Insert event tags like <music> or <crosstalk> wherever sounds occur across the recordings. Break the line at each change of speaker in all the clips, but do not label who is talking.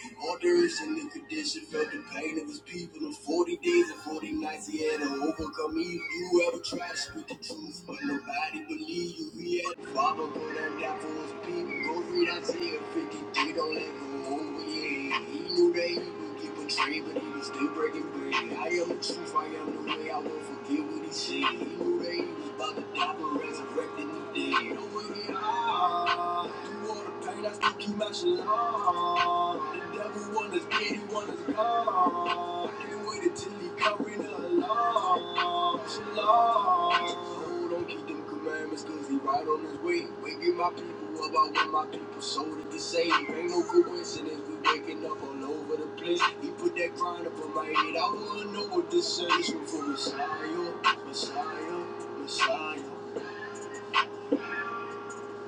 He orders in the condition, felt the pain of his people. In 40 days and 40 nights, he had to overcome evil. You ever tried to speak the truth, but nobody believed you. He had to follow, go down, die for his people. Go read Isaiah 53, don't let go over your head. He knew that he would get betrayed, but he was still breaking bread. I am the truth, I am the way, I won't forget what he said. He knew that he was about to die, but resurrected and dead. Over here, ah, do Pain I still keep my shit on. The devil want us dead, he want us gone. And waited till he covering the alarm. Shalom. So don't keep them commandments, cause he right on his way. Waking my people up, I want my people soul to get saved. Ain't no coincidence, we waking up all over the place. He put that grind up on my head, I wanna know what this is. This one for Messiah, Messiah, Messiah.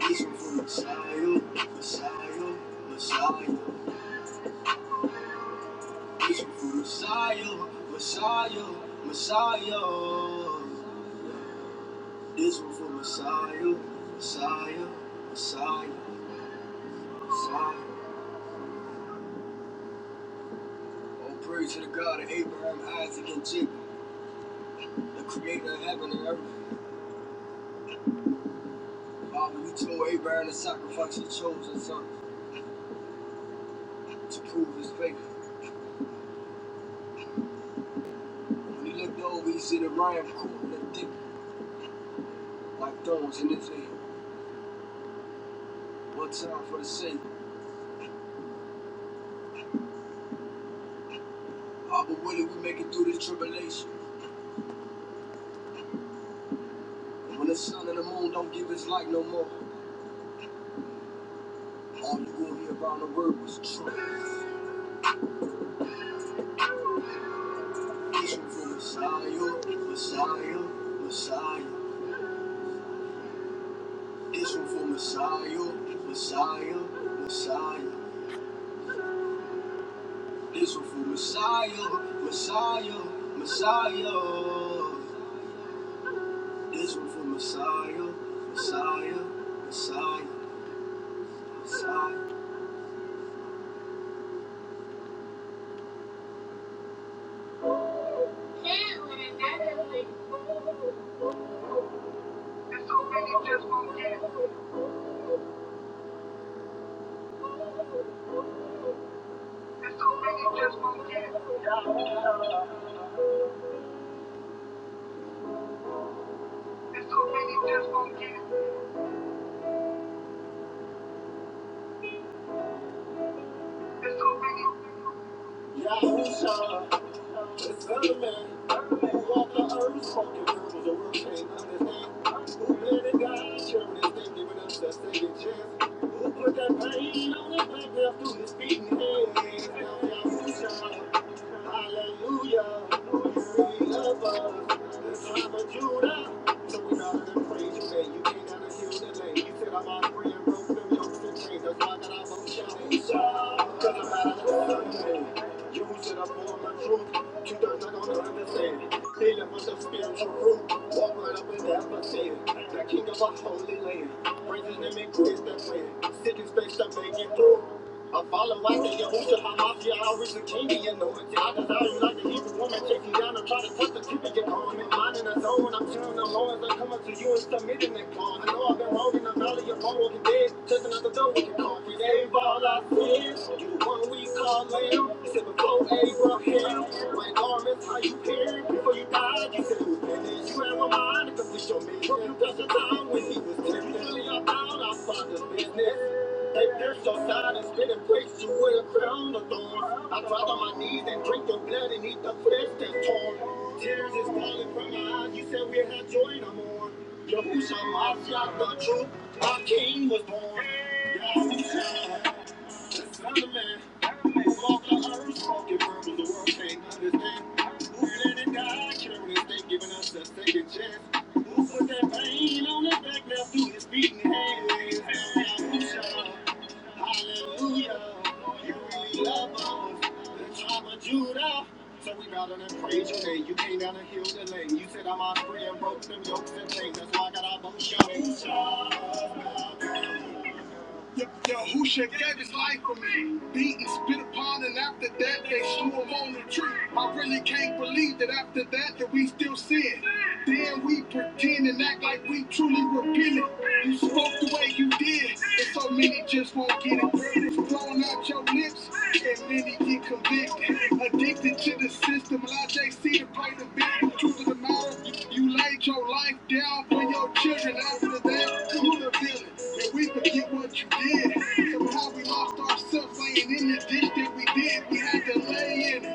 Wishing for Messiah, Messiah, Messiah. Wishing for Messiah, Messiah, Messiah. This one for Messiah, Messiah, Messiah, Messiah. All praise to the God of Abraham, Isaac, and Jacob, the creator of heaven and earth. Father, you told Abraham to sacrifice your chosen son to prove his faith. When he looked over, he see the ram caught in the thick like thorns in his head. One time for the sake. All but willing we make it through this tribulation. And when the sun and the moon don't give its light no more, all you gonna hear about the world was Trump. This one for Messiah, Messiah, Messiah. This one for Messiah, Messiah, Messiah. This one for Messiah, Messiah, Messiah. This one for Messiah, Messiah, Messiah, Messiah. Can't win another thing. It's so many just won't get. It's so many just won't get. It's so many just won't get. It's so many. Hallelujah. Cleaning was the spiritual root. Walk right up in the atmosphere. The king of a holy land. Bringing them in grace that way. City space to make it through. I follow after Yahusha Hamafi, I always the king, and you know it. I desire you like an evil woman, take you down and try to touch the keep and get on me. Mine in the zone, I'm chilling alone as I come up to you and submitting that call. I know I've been wrong in the valley of all walking dead, just another door we can call. We gave all our sins, you the one we call lamb. He said before Yahusha Mashiach, the truth, our King was born. Yeah. Judah, so we bow down and praise your name. You came down and healed the lame. You said I'm free and broke them yokes and chains. That's why I got our bones shouting. Yo, yo, Usha gave his life for me. Beaten, spit upon, and after that they slew him on the tree. I really can't believe that after that that we still sin. Then we pretend and act like we truly repented. You spoke the way you did, and so many just won't get it. Blowing out your lips, and then he get convicted. Addicted to the system, allow JC to play the big. Truth of the matter, you laid your life down for your children. After that, you the villain, and we forget what you did. Somehow we lost ourselves laying in the ditch that we did. We had to lay in it.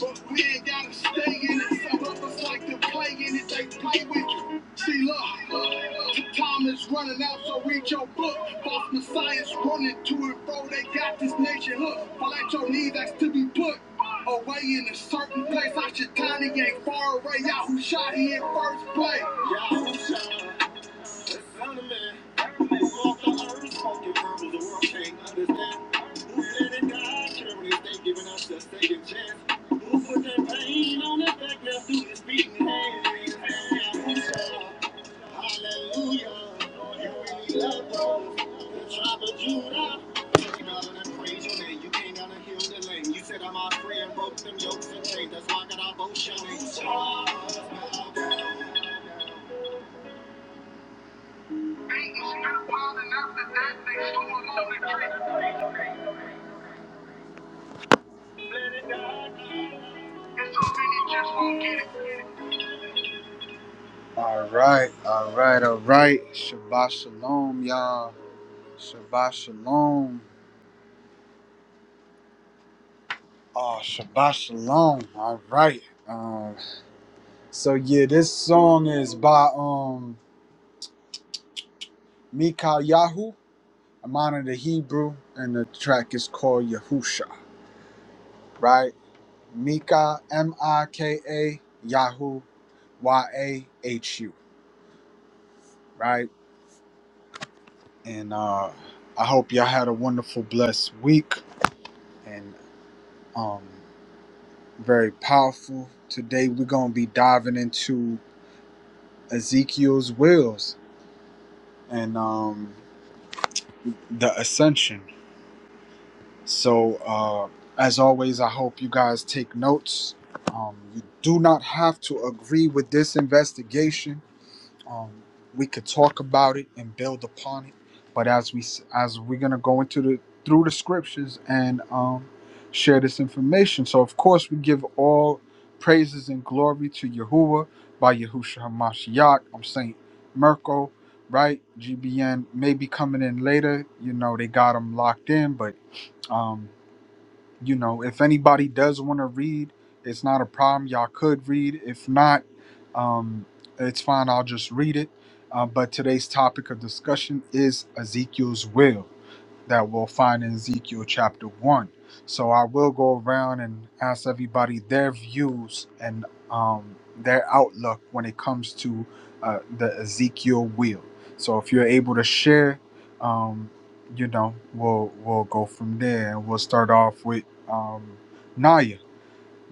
But men gotta stay in it. Some of us like to play in it, they play with you. See, look, t- time is running out, so read your book. Boss Messiah's running to and fro, they got this nation hooked. Fall at your knees, that's to be put. Away in a certain place, I should tiny ain't far away. Yahoo shot, he in first place. Yahoo shot. You said I'm out free broke them yokes and chains. That's why I got our both shillings. All right, all right, all right. Shabbat shalom, y'all. Shabbat shalom. Oh, Shabbat shalom. All right. Um. So yeah, this song is by um Mikal Yahu. I'm on in the Hebrew, and the track is called Yahusha. Right? Mika M I K A Yahu Y A H U. Right? and uh, I hope y'all had a wonderful, blessed week and um, very powerful. Today we're gonna be diving into Ezekiel's wills and um, the ascension. So, uh, as always, I hope you guys take notes. Um, you do not have to agree with this investigation um, we could talk about it and build upon it but as we s- as we're going to go into the through the scriptures and um, share this information so of course we give all praises and glory to Yahuwah by Yahushua HaMashiach I'm Saint Merkel right GBN may be coming in later you know they got him locked in but um, you know, if anybody does want to read, it's not a problem. Y'all could read. If not, um, it's fine. I'll just read it. Uh, but today's topic of discussion is Ezekiel's will that we'll find in Ezekiel chapter 1. So I will go around and ask everybody their views and um, their outlook when it comes to uh, the Ezekiel wheel. So if you're able to share, um, you know, we'll we'll go from there and we'll start off with um, Naya.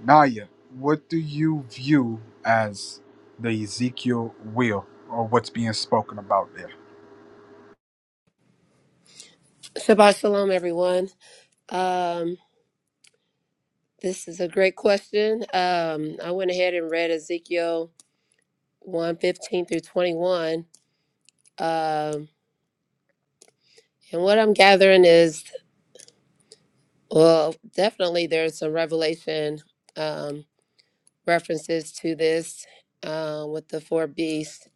Naya, what do you view as the Ezekiel wheel or what's being spoken about there?
Shabbat shalom, everyone. Um, this is a great question. Um, I went ahead and read Ezekiel one fifteen through 21. Um, and what I'm gathering is, well, definitely there's some revelation um, references to this um, with the four beasts.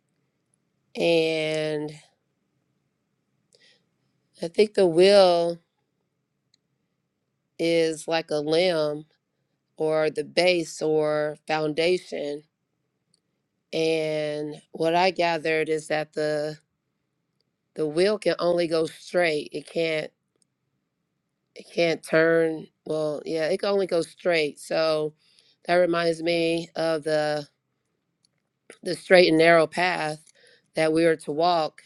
And I think the will is like a limb or the base or foundation. And what I gathered is that the the wheel can only go straight. It can't it can't turn. Well, yeah, it can only go straight. So that reminds me of the the straight and narrow path that we are to walk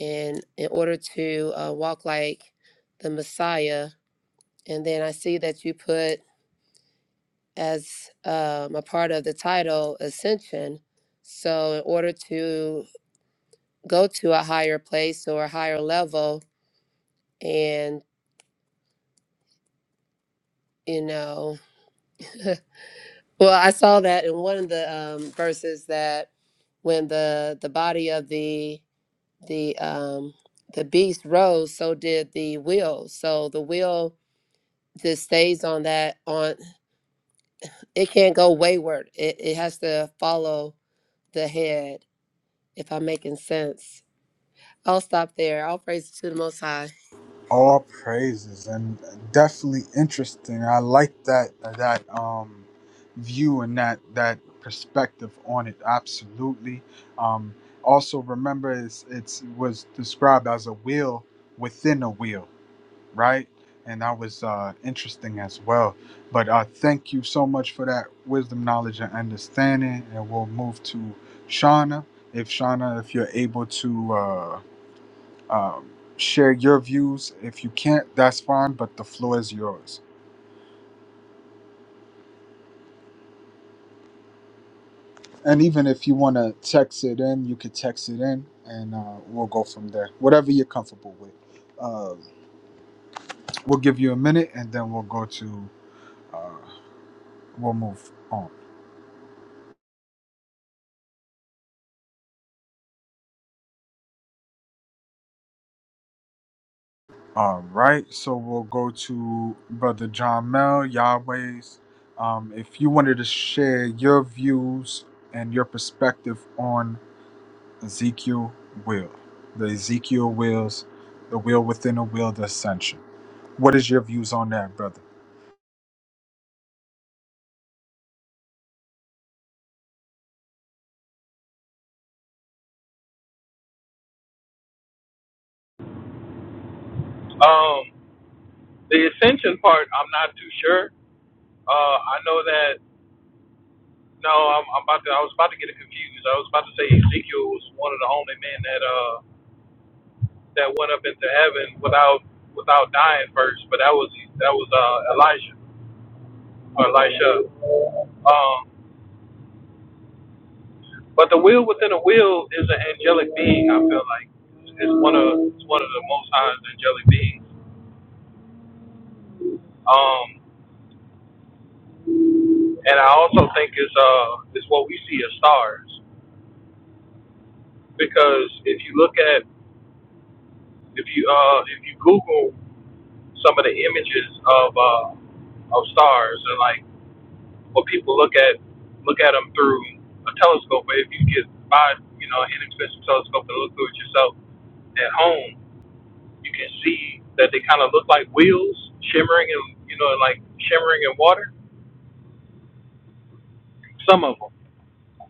and in order to uh, walk like the Messiah. And then I see that you put as um, a part of the title ascension. So in order to go to a higher place or a higher level and you know <laughs> Well, I saw that in one of the um, verses that when the the body of the the um, the beast rose, so did the will. So the will just stays on that on it can't go wayward. It it has to follow the head. If I'm making sense, I'll stop there. I'll praise to the Most High.
All praises and definitely interesting. I like that that um view and that that perspective on it. Absolutely. Um also remember it's it's was described as a wheel within a wheel, right? And that was uh interesting as well. But uh thank you so much for that wisdom, knowledge and understanding and we'll move to Shauna. If Shauna, if you're able to Uh, um, share your views. If you can't, that's fine, but the floor is yours. And even if you want to text it in, you could text it in and uh, we'll go from there. Whatever you're comfortable with. Uh, we'll give you a minute and then we'll go to, uh, we'll move on. All right. So we'll go to Brother John Mel, Yahweh's. Um, if you wanted to share your views and your perspective on Ezekiel will, the Ezekiel wills, the will within a will, the ascension. What is your views on that, brother?
Um, the ascension part, I'm not too sure. Uh, I know that. No, I'm, I'm about to. I was about to get it confused. I was about to say Ezekiel was one of the only men that uh that went up into heaven without without dying first, but that was that was uh Elijah or Elisha. Um, but the wheel within a wheel is an angelic being. I feel like it's one of it's one of the most highest angelic beings. Um, and I also think it's uh it's what we see as stars. because if you look at if you uh if you Google some of the images of uh of stars and like what people look at look at them through a telescope, but if you get buy you know an inexpensive telescope and look through it yourself at home, you can see that they kind of look like wheels shimmering and you know like shimmering in water. Some of them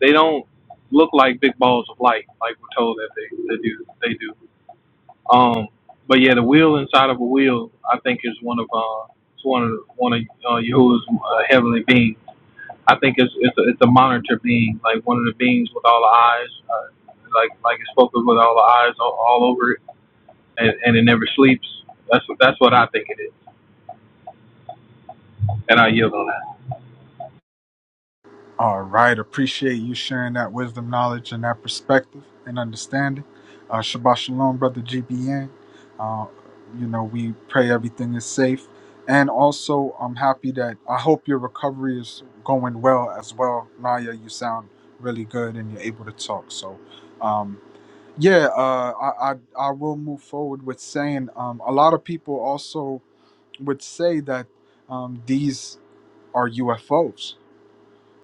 they don't look like big balls of light like we're told that they they do they do. Um, but yeah, the wheel inside of a wheel, I think, is one of uh, it's one of the- one of uh, Yahuwah's uh, heavenly beings. I think it's it's a, it's a monitor being, like one of the beings with all the eyes, uh, like like it's spoken with all the eyes all, all over it, and, and it never sleeps. That's what that's what I think it is, and I yield on that.
All right, appreciate you sharing that wisdom, knowledge, and that perspective and understanding. Uh, Shabbat shalom, brother GBN. Uh, you know, we pray everything is safe. And also, I'm happy that I hope your recovery is going well as well. Naya, you sound really good and you're able to talk. So, um, Yeah, uh, I, I I will move forward with saying um, a lot of people also would say that um, these are UFOs.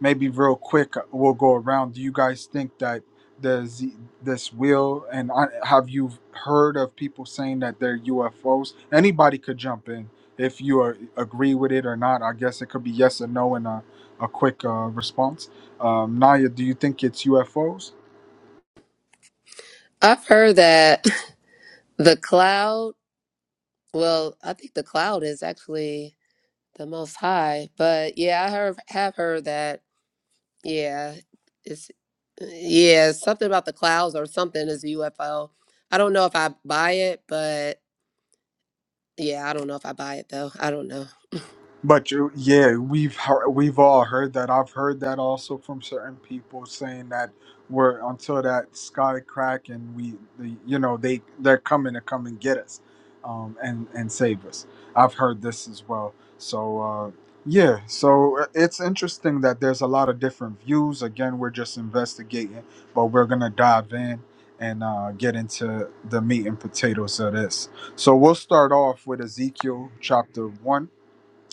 Maybe real quick, we'll go around. Do you guys think that there's this will and I, have you heard of people saying that they're UFOs? Anybody could jump in if you uh, agree with it or not. I guess it could be yes or no in a, a quick uh, response. Um, Naya, do you think it's UFOs?
I've heard that <laughs> the cloud. Well, I think the cloud is actually the Most High, but yeah, I have have heard that Yeah, it's uh, yeah, something about the clouds or something is a UFO. I don't know if I buy it, but yeah, I don't know if I buy it though. I don't know.
But you, yeah, we've heard, we've all heard that. I've heard that also from certain people saying that we're until that sky crack and we, the, you know, they they're coming to come and get us, um, and and save us. I've heard this as well. So uh, yeah, so uh, it's interesting that there's a lot of different views. Again, we're just investigating, but we're gonna dive in and uh, get into the meat and potatoes of this. So we'll start off with Ezekiel chapter one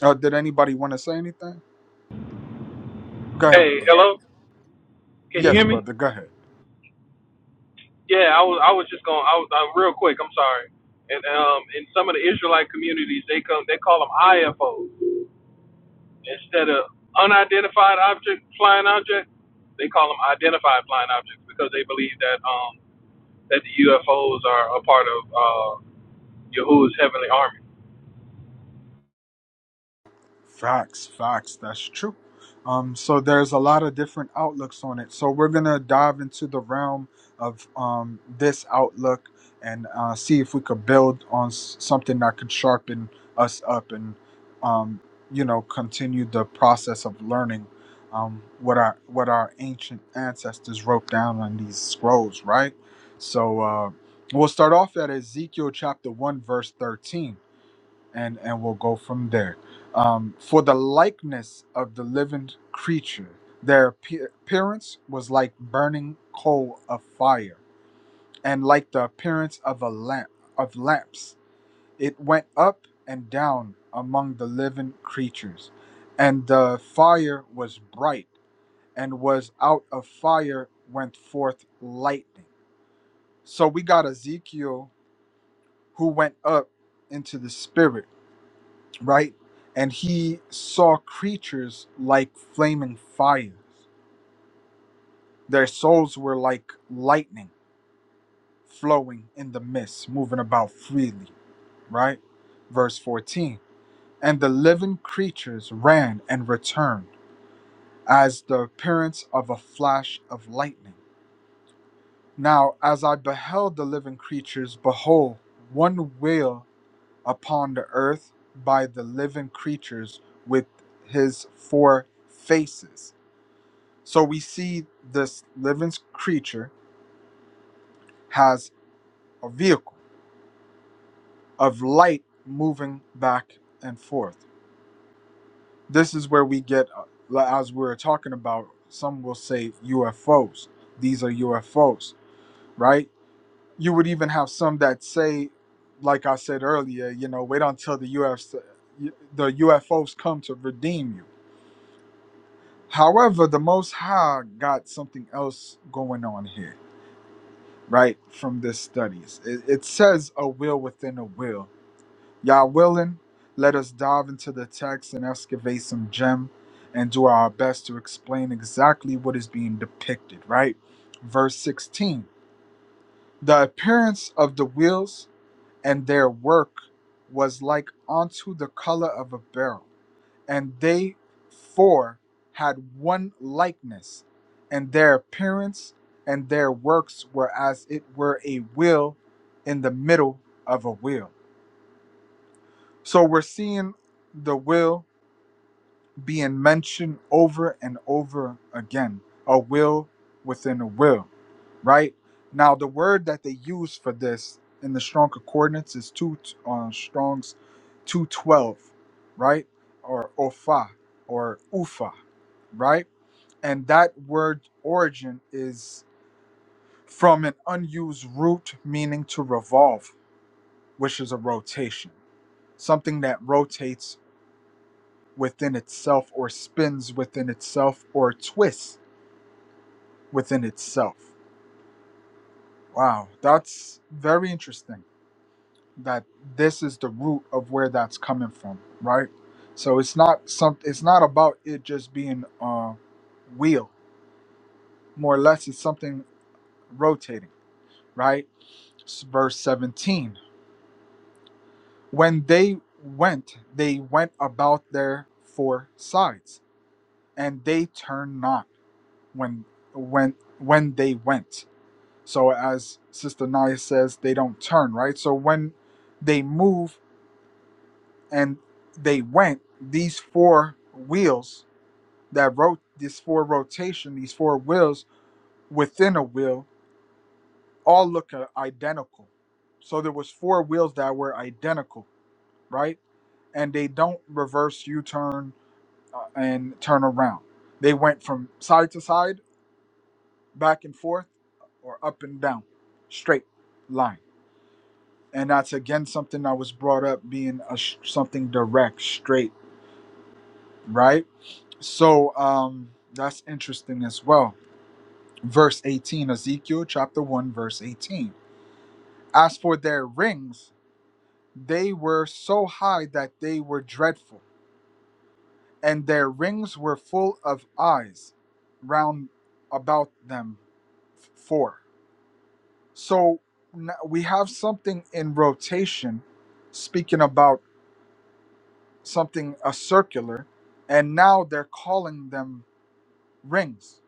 uh, did anybody want to say anything? Go ahead,
Hey,
brother.
hello, can you hear
Yes,
me?
brother. Go ahead.
Yeah, I was I was just going I was uh, real quick. I'm sorry. And um, in some of the Israelite communities, they come they call them IFOs. Instead of unidentified object, flying object, they call them identified flying objects because they believe that um that the UFOs are a part of uh Yahuwah's heavenly army.
Facts, facts. That's true. Um, so there's a lot of different outlooks on it. So we're gonna dive into the realm of um, this outlook and uh, see if we could build on s- something that could sharpen us up and um, you know continue the process of learning um, what our what our ancient ancestors wrote down on these scrolls, right? So uh, we'll start off at Ezekiel chapter one verse thirteen and and we'll go from there. Um, for the likeness of the living creature, their appe- appearance was like burning coal of fire, and like the appearance of a lamp of lamps. It went up and down among the living creatures, and the fire was bright, and was out of fire went forth lightning. So we got Ezekiel who went up into the spirit right? And he saw creatures like flaming fires. Their souls were like lightning flowing in the mist, moving about freely, right? Verse 14. And the living creatures ran and returned as the appearance of a flash of lightning. Now, as I beheld the living creatures, behold, one wheel upon the earth by the living creatures with his four faces So we see this living creature has a vehicle of light moving back and forth. This is where we get, uh, as we were talking about, some will say UFOs. These are UFOs, right? You would even have some that say, like I said earlier, you know, wait until the UFC, the UFOs come to redeem you. However, the Most High got something else going on here right from this studies it, it says a will within a will y'all willing let us dive into the text and excavate some gem and do our best to explain exactly what is being depicted right verse 16 the appearance of the wheels and their work was like unto the color of a beryl and they four had one likeness, and their appearance and their works were as it were a wheel in the middle of a wheel. So we're seeing the will being mentioned over and over again a will within a will right now the word that they use for this in the strong concordance is two on strong's 212 right or ofa or ufa right and that word origin is from an unused root meaning to revolve which is a rotation something that rotates within itself or spins within itself or twists within itself. Wow, that's very interesting that this is the root of where that's coming from, right? So it's not some it's not about it just being a wheel. More or less it's something rotating, right? S- Verse 17. When they went, they went about their four sides, and they turned not when when when they went. So as Sister Naya says, they don't turn, right? So when they move and they went, these four wheels that wrote this four rotation, these four wheels within a wheel, all look uh, identical. So there was four wheels that were identical, right? And they don't reverse U-turn uh, and turn around. They went from side to side, back and forth, or up and down, straight line and that's again something that was brought up being a sh- something direct straight right so um that's interesting as well verse 18 ezekiel chapter 1 verse 18 as for their rings they were so high that they were dreadful and their rings were full of eyes round about them four so n- we have something in rotation speaking about something a circular, and now they're calling them rings,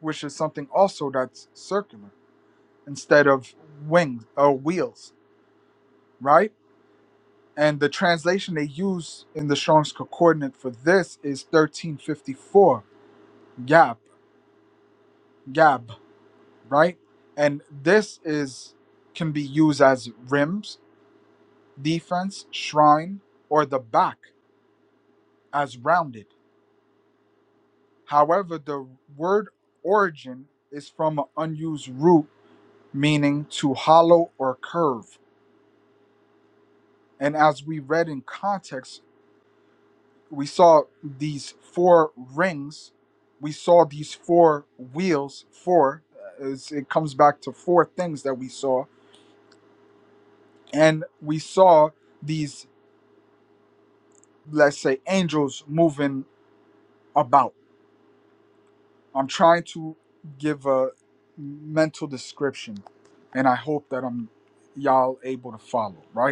which is something also that's circular instead of wings or wheels, right? And the translation they use in the Strong's Concordant for this is 1354, gab, gab, right? And this is can be used as rims, defense, shrine, or the back as rounded. However, the word origin is from an unused root meaning to hollow or curve. And as we read in context, we saw these four rings, we saw these four wheels, four, uh, it's- it comes back to four things that we saw, and we saw these, let's say, angels moving about. I'm trying to give a mental description, and I hope that I'm y'all able to follow, right?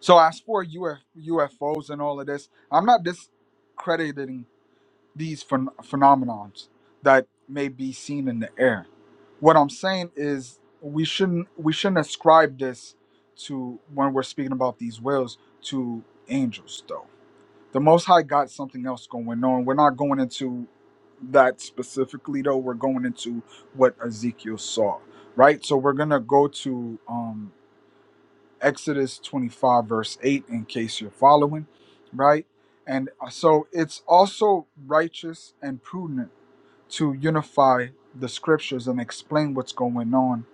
So as for UF, UFOs and all of this, I'm not discrediting these phen- phenomenons that may be seen in the air. What I'm saying is we shouldn't we shouldn't ascribe this to when we're speaking about these whales to angels though. The Most High got something else going on. We're not going into that specifically though. We're going into what Ezekiel saw, right? So we're gonna go to um, Exodus 25, verse 8, in case you're following, right? And uh, so it's also righteous and prudent to unify the scriptures and explain what's going on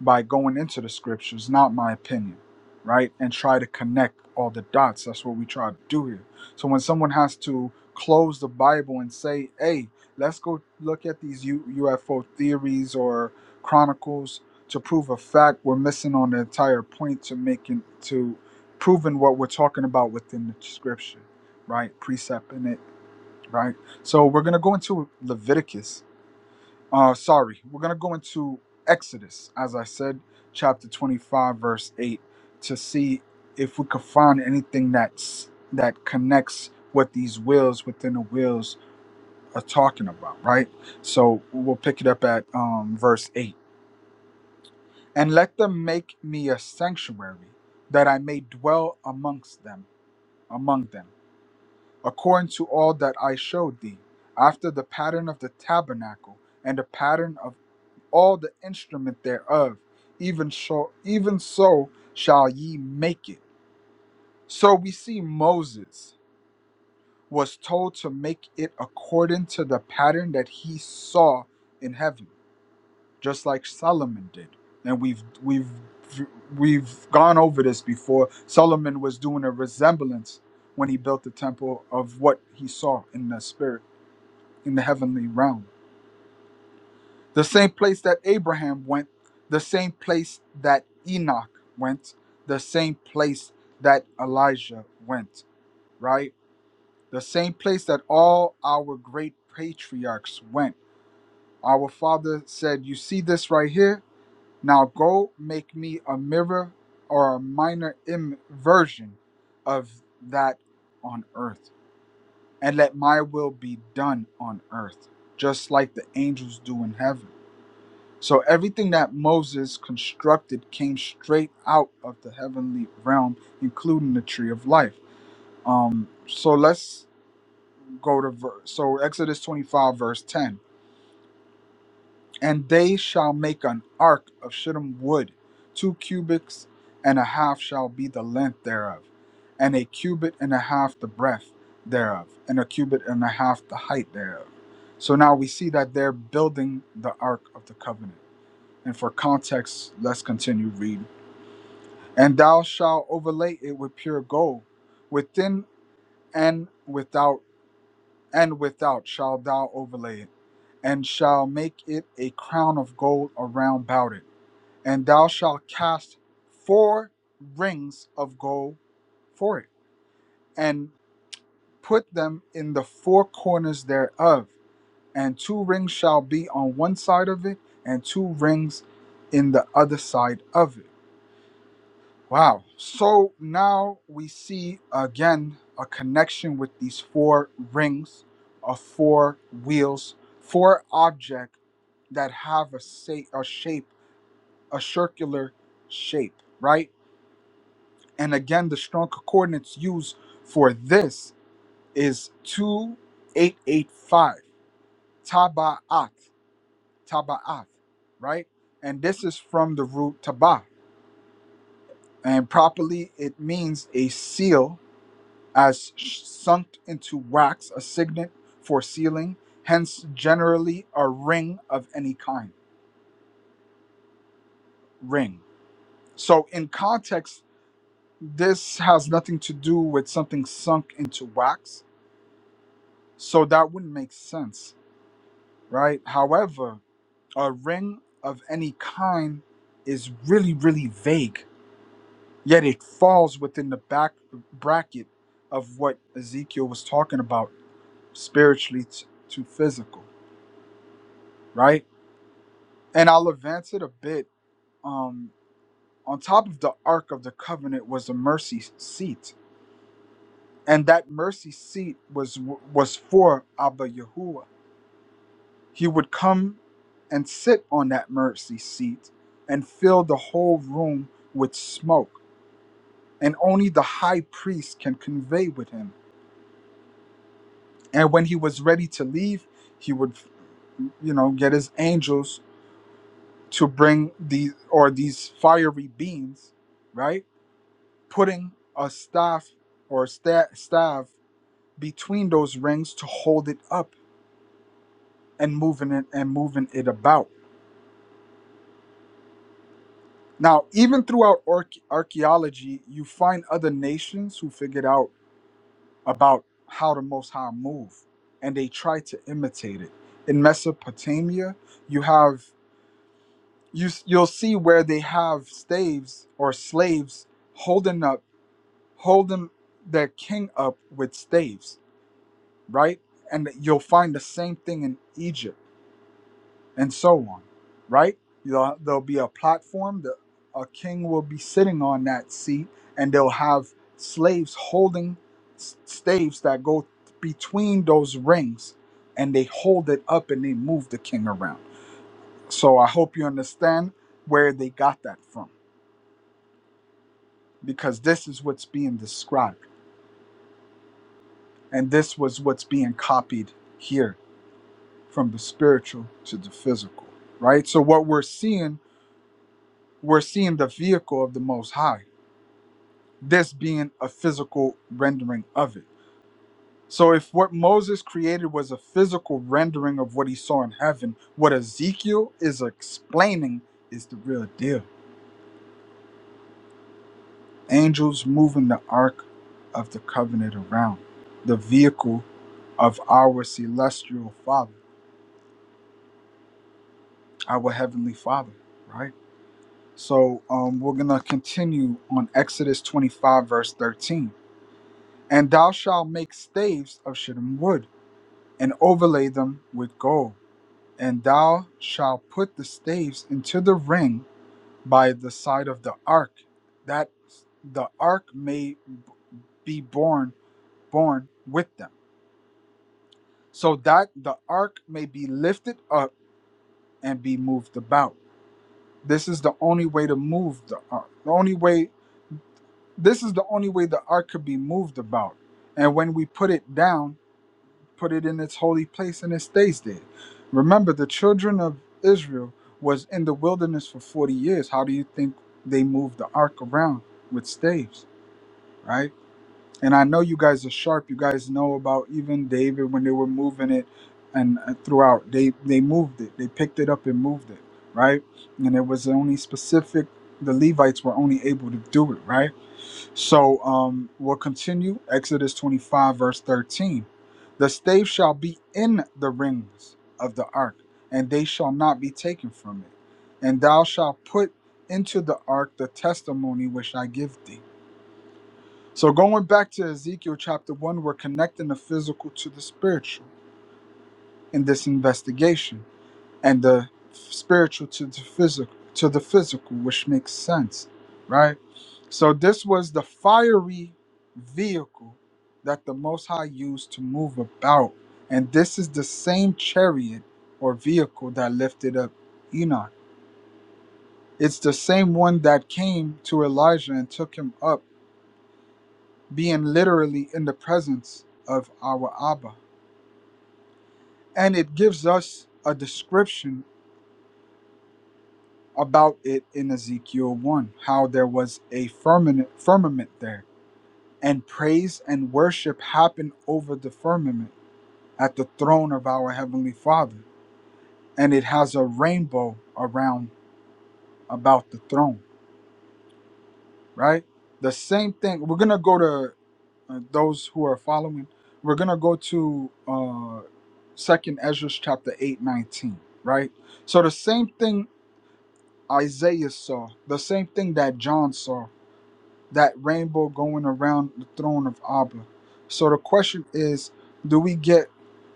by going into the scriptures, not my opinion, right? And try to connect all the dots. That's what we try to do here. So when someone has to close the Bible and say, hey, let's go look at these U- UFO theories or chronicles to prove a fact, we're missing on the entire point to making, to proving what we're talking about within the scripture, right? Precepting it, right? So we're going to go into Leviticus uh, sorry, we're going to go into Exodus, as I said, chapter 25, verse 8, to see if we could find anything that's that connects what these wheels within the wheels are talking about, right? So we'll pick it up at um, verse 8. And let them make me a sanctuary that I may dwell amongst them, among them, according to all that I showed thee, after the pattern of the tabernacle and the pattern of all the instrument thereof. Even so, even so shall ye make it. So we see Moses was told to make it according to the pattern that he saw in heaven, just like Solomon did. And we've we've we've gone over this before. Solomon was doing a resemblance when he built the temple of what he saw in the spirit in the heavenly realm. The same place that Abraham went, the same place that Enoch went, the same place that Elijah went, right? The same place that all our great patriarchs went. Our father said, You see this right here? Now go make me a mirror or a minor Im- version of that on earth, and let my will be done on earth, just like the angels do in heaven So everything that Moses constructed came straight out of the heavenly realm, including the tree of life. Um, so let's go to verse. So Exodus 25, verse 10. And they shall make an ark of shittim wood, two cubits and a half shall be the length thereof, and a cubit and a half the breadth thereof, and a cubit and a half the height thereof. So now we see that they're building the ark of the covenant. And for context, let's continue reading. And thou shalt overlay it with pure gold, within and without, and without shalt thou overlay it, and shall make it a crown of gold around about it. And thou shalt cast four rings of gold for it, and put them in the four corners thereof. And two rings shall be on one side of it, and two rings in the other side of it Wow. So now we see again a connection with these four rings of four wheels, four objects that have a, sa- a shape, a circular shape, right? And again, the strong coordinates used for this is 2885, Taba'at, Taba'at, right? And this is from the root Taba. And properly, it means a seal as sh- sunk into wax, a signet for sealing, hence generally a ring of any kind. Ring. So in context, this has nothing to do with something sunk into wax, so that wouldn't make sense, right? However, a ring of any kind is really, really vague, yet it falls within the back bracket of what Ezekiel was talking about spiritually t- to physical, right? And I'll advance it a bit. Um, on top of the Ark of the Covenant was a mercy seat, and that mercy seat was was for Abba Yahuwah. He would come and sit on that mercy seat and fill the whole room with smoke, and only the high priest can convey with him. And when he was ready to leave, he would, you know, get his angels to bring these or these fiery beings, right? putting a staff or a sta- staff between those rings to hold it up and moving it and moving it about. Now, even throughout arch- archaeology, you find other nations who figured out about how the Most High move, and they try to imitate it. In Mesopotamia, you have you s- you'll see where they have staves or slaves holding up holding their king up with staves right? And you'll find the same thing in Egypt and so on, right? You'll, there'll be a platform, the, a king will be sitting on that seat, and they'll have slaves holding s- staves that go between those rings, and they hold it up and they move the king around. So I hope you understand where they got that from, because this is what's being described, and this was what's being copied here from the spiritual to the physical, right? So what we're seeing, we're seeing the vehicle of the Most High, this being a physical rendering of it. So if what Moses created was a physical rendering of what he saw in heaven, what Ezekiel is explaining is the real deal. Angels moving the ark of the covenant around, the vehicle of our celestial Father, our heavenly Father, right? So um, we're going to continue on Exodus 25, verse 13. And thou shalt make staves of shittim wood, and overlay them with gold. And thou shalt put the staves into the ring by the side of the ark, that the ark may be borne borne with them, so that the ark may be lifted up and be moved about. This is the only way to move the ark. The only way this is the only way the ark could be moved about. And when we put it down, put it in its holy place and it stays there. Remember, the children of Israel was in the wilderness for 40 years. How do you think they moved the ark around with staves, right? And I know you guys are sharp. You guys know about even David when they were moving it and uh, throughout they they moved it. They picked it up and moved it, right? And it was only specific the Levites were only able to do it, right? So um, we'll continue. Exodus 25, verse 13. The stave shall be in the rings of the ark, and they shall not be taken from it. And thou shalt put into the ark the testimony which I give thee. So going back to Ezekiel chapter 1, we're connecting the physical to the spiritual in this investigation, and the spiritual to the physical to the physical, which makes sense, right? So this was the fiery vehicle that the Most High used to move about. And this is the same chariot or vehicle that lifted up Enoch. It's the same one that came to Elijah and took him up, being literally in the presence of our Abba. And it gives us a description about it in Ezekiel 1, how there was a firmament, firmament there, and praise and worship happened over the firmament at the throne of our heavenly Father, and it has a rainbow around about the throne, right? The same thing. We're gonna go to uh, those who are following. We're gonna go to uh, Second Ezra chapter eight nineteen, right? So the same thing Isaiah saw, the same thing that John saw, that rainbow going around the throne of Abba. So the question is, do we get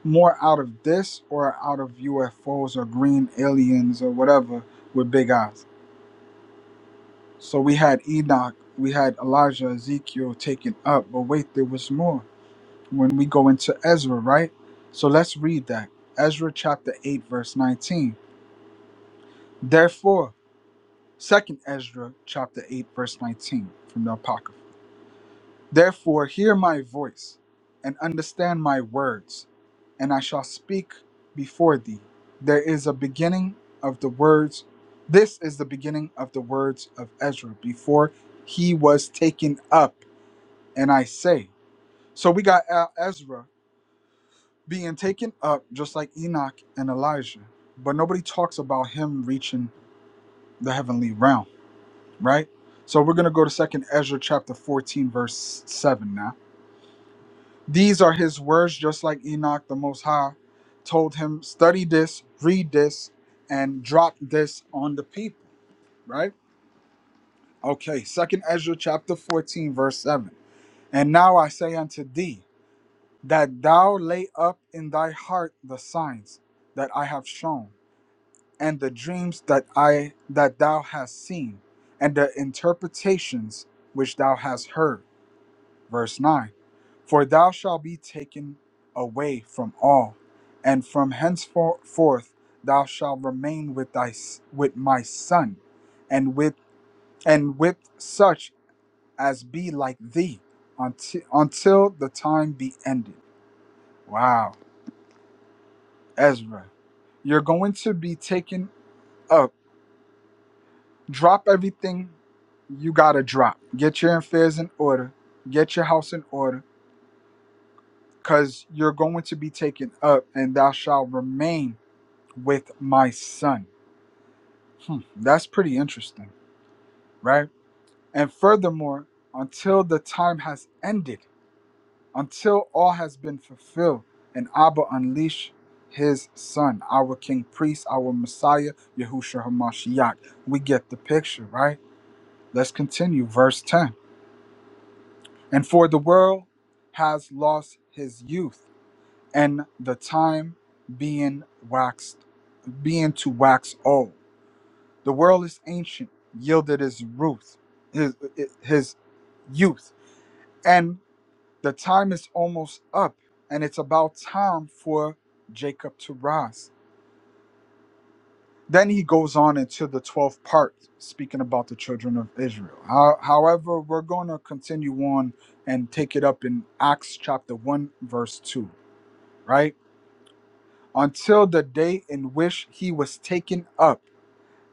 more out of this or out of UFOs or green aliens or whatever with big eyes? So we had Enoch, we had Elijah, Ezekiel taken up, but wait, there was more. When we go into Ezra, right? So let's read that. Ezra chapter 8, verse 19. Therefore, second Ezra chapter 8, verse 19 from the Apocrypha. Therefore, hear my voice and understand my words, and I shall speak before thee. There is a beginning of the words. This is the beginning of the words of Ezra before he was taken up. And I say, so we got uh, Ezra being taken up just like Enoch and Elijah, but nobody talks about him reaching the heavenly realm, right? So we're going to go to 2nd Ezra chapter 14 verse 7 now. These are his words, just like Enoch the Most High told him, study this, read this, and drop this on the people, right? Okay, Second Ezra chapter 14, verse 7. And now I say unto thee, that thou lay up in thy heart the signs that I have shown, and the dreams that I that thou hast seen, and the interpretations which thou hast heard. Verse 9 For thou shalt be taken away from all, and from henceforth thou shalt remain with thy with my son, and with and with such as be like thee, until until the time be ended. Wow, Ezra, you're going to be taken up. Drop everything you gotta drop. Get your affairs in order. Get your house in order because you're going to be taken up and thou shalt remain with my son. Hmm, that's pretty interesting, right? And furthermore, until the time has ended, until all has been fulfilled, and Abba unleash his son, our king priest, our Messiah, Yahushua HaMashiach. We get the picture, right? Let's continue, verse 10. And for the world has lost his youth, and the time being waxed being to wax old. The world is ancient, yielded its ruth, his, his youth, and the time is almost up, and it's about time for Jacob to rise. Then he goes on into the 12th part, speaking about the children of Israel. How, however, we're going to continue on and take it up in Acts chapter 1, verse 2, right? Until the day in which he was taken up.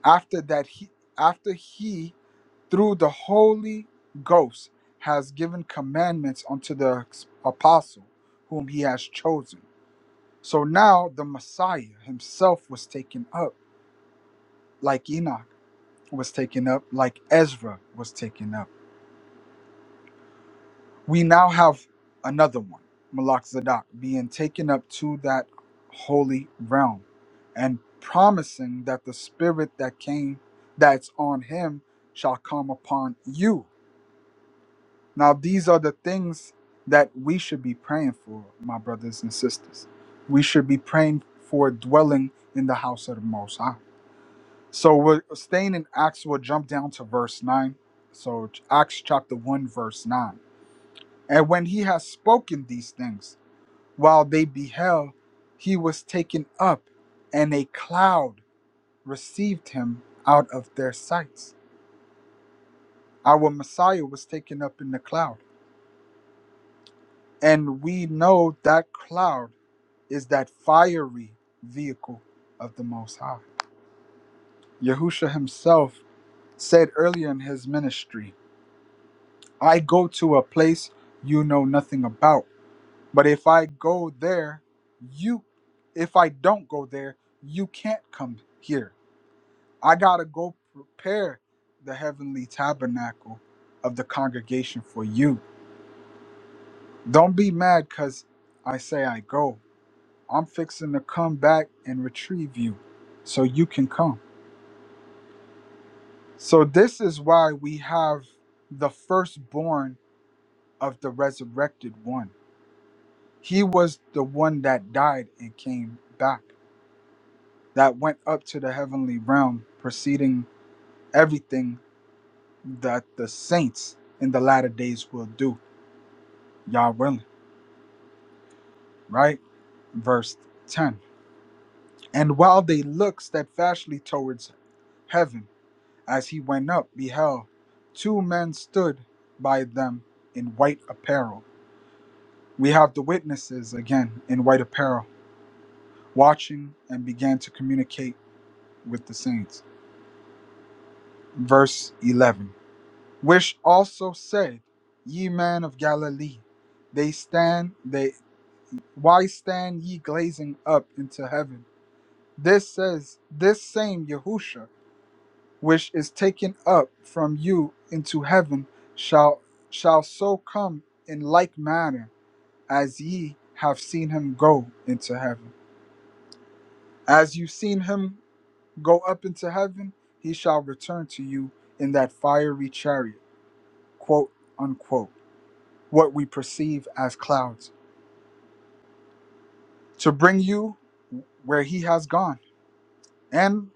After that, he after he through the Holy Ghost has given commandments unto the apostle whom he has chosen. So now the Messiah himself was taken up, like Enoch was taken up, like Ezra was taken up. We now have another one, Melchizedek, being taken up to that holy realm and promising that the spirit that came that's on him shall come upon you Now, these are the things that we should be praying for, my brothers and sisters. We should be praying for dwelling in the house of the Most High. So, we're staying in Acts, we'll jump down to verse 9. So, Acts chapter 1, verse 9. And when he had spoken these things, while they beheld, he was taken up, and a cloud received him out of their sights. Our Messiah was taken up in the cloud. And we know that cloud. is that fiery vehicle of the Most High. Yahusha himself said earlier in his ministry, I go to a place you know nothing about. But if I go there, you, if I don't go there, you can't come here. I gotta go prepare the heavenly tabernacle of the congregation for you. Don't be mad because I say I go. I'm fixing to come back and retrieve you so you can come. So this is why we have the firstborn of the resurrected one. He was the one that died and came back, that went up to the heavenly realm, preceding everything that the saints in the latter days will do. Yah willing, right? Verse 10. And while they looked steadfastly towards heaven, as he went up, beheld two men stood by them in white apparel We have the witnesses again in white apparel, watching and began to communicate with the saints. Verse 11 Which also said, Ye men of Galilee, they stand, they why stand ye glazing up into heaven? This says, This same Yahusha, which is taken up from you into heaven, shall shall so come in like manner as ye have seen him go into heaven. As you've seen him go up into heaven, he shall return to you in that fiery chariot, quote unquote, what we perceive as clouds, to bring you where he has gone. And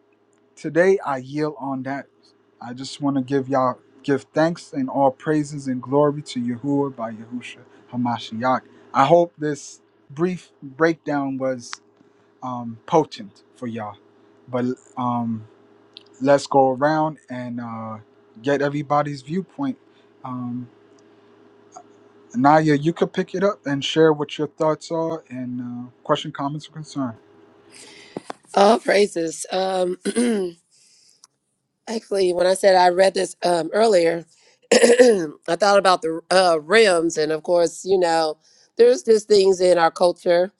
today I yield on that. I just want to give y'all give thanks and all praises and glory to Yahuwah by Yahusha Hamashiach. I hope this brief breakdown was um, potent for y'all. But um, let's go around and uh, get everybody's viewpoint. Um, Naya, you could pick it up and share what your thoughts are and uh, question, comments, or concern.
All praises. Um, <clears throat> actually, when I said I read this um, earlier, <clears throat> I thought about the uh, rims, and of course, you know, there's just things in our culture.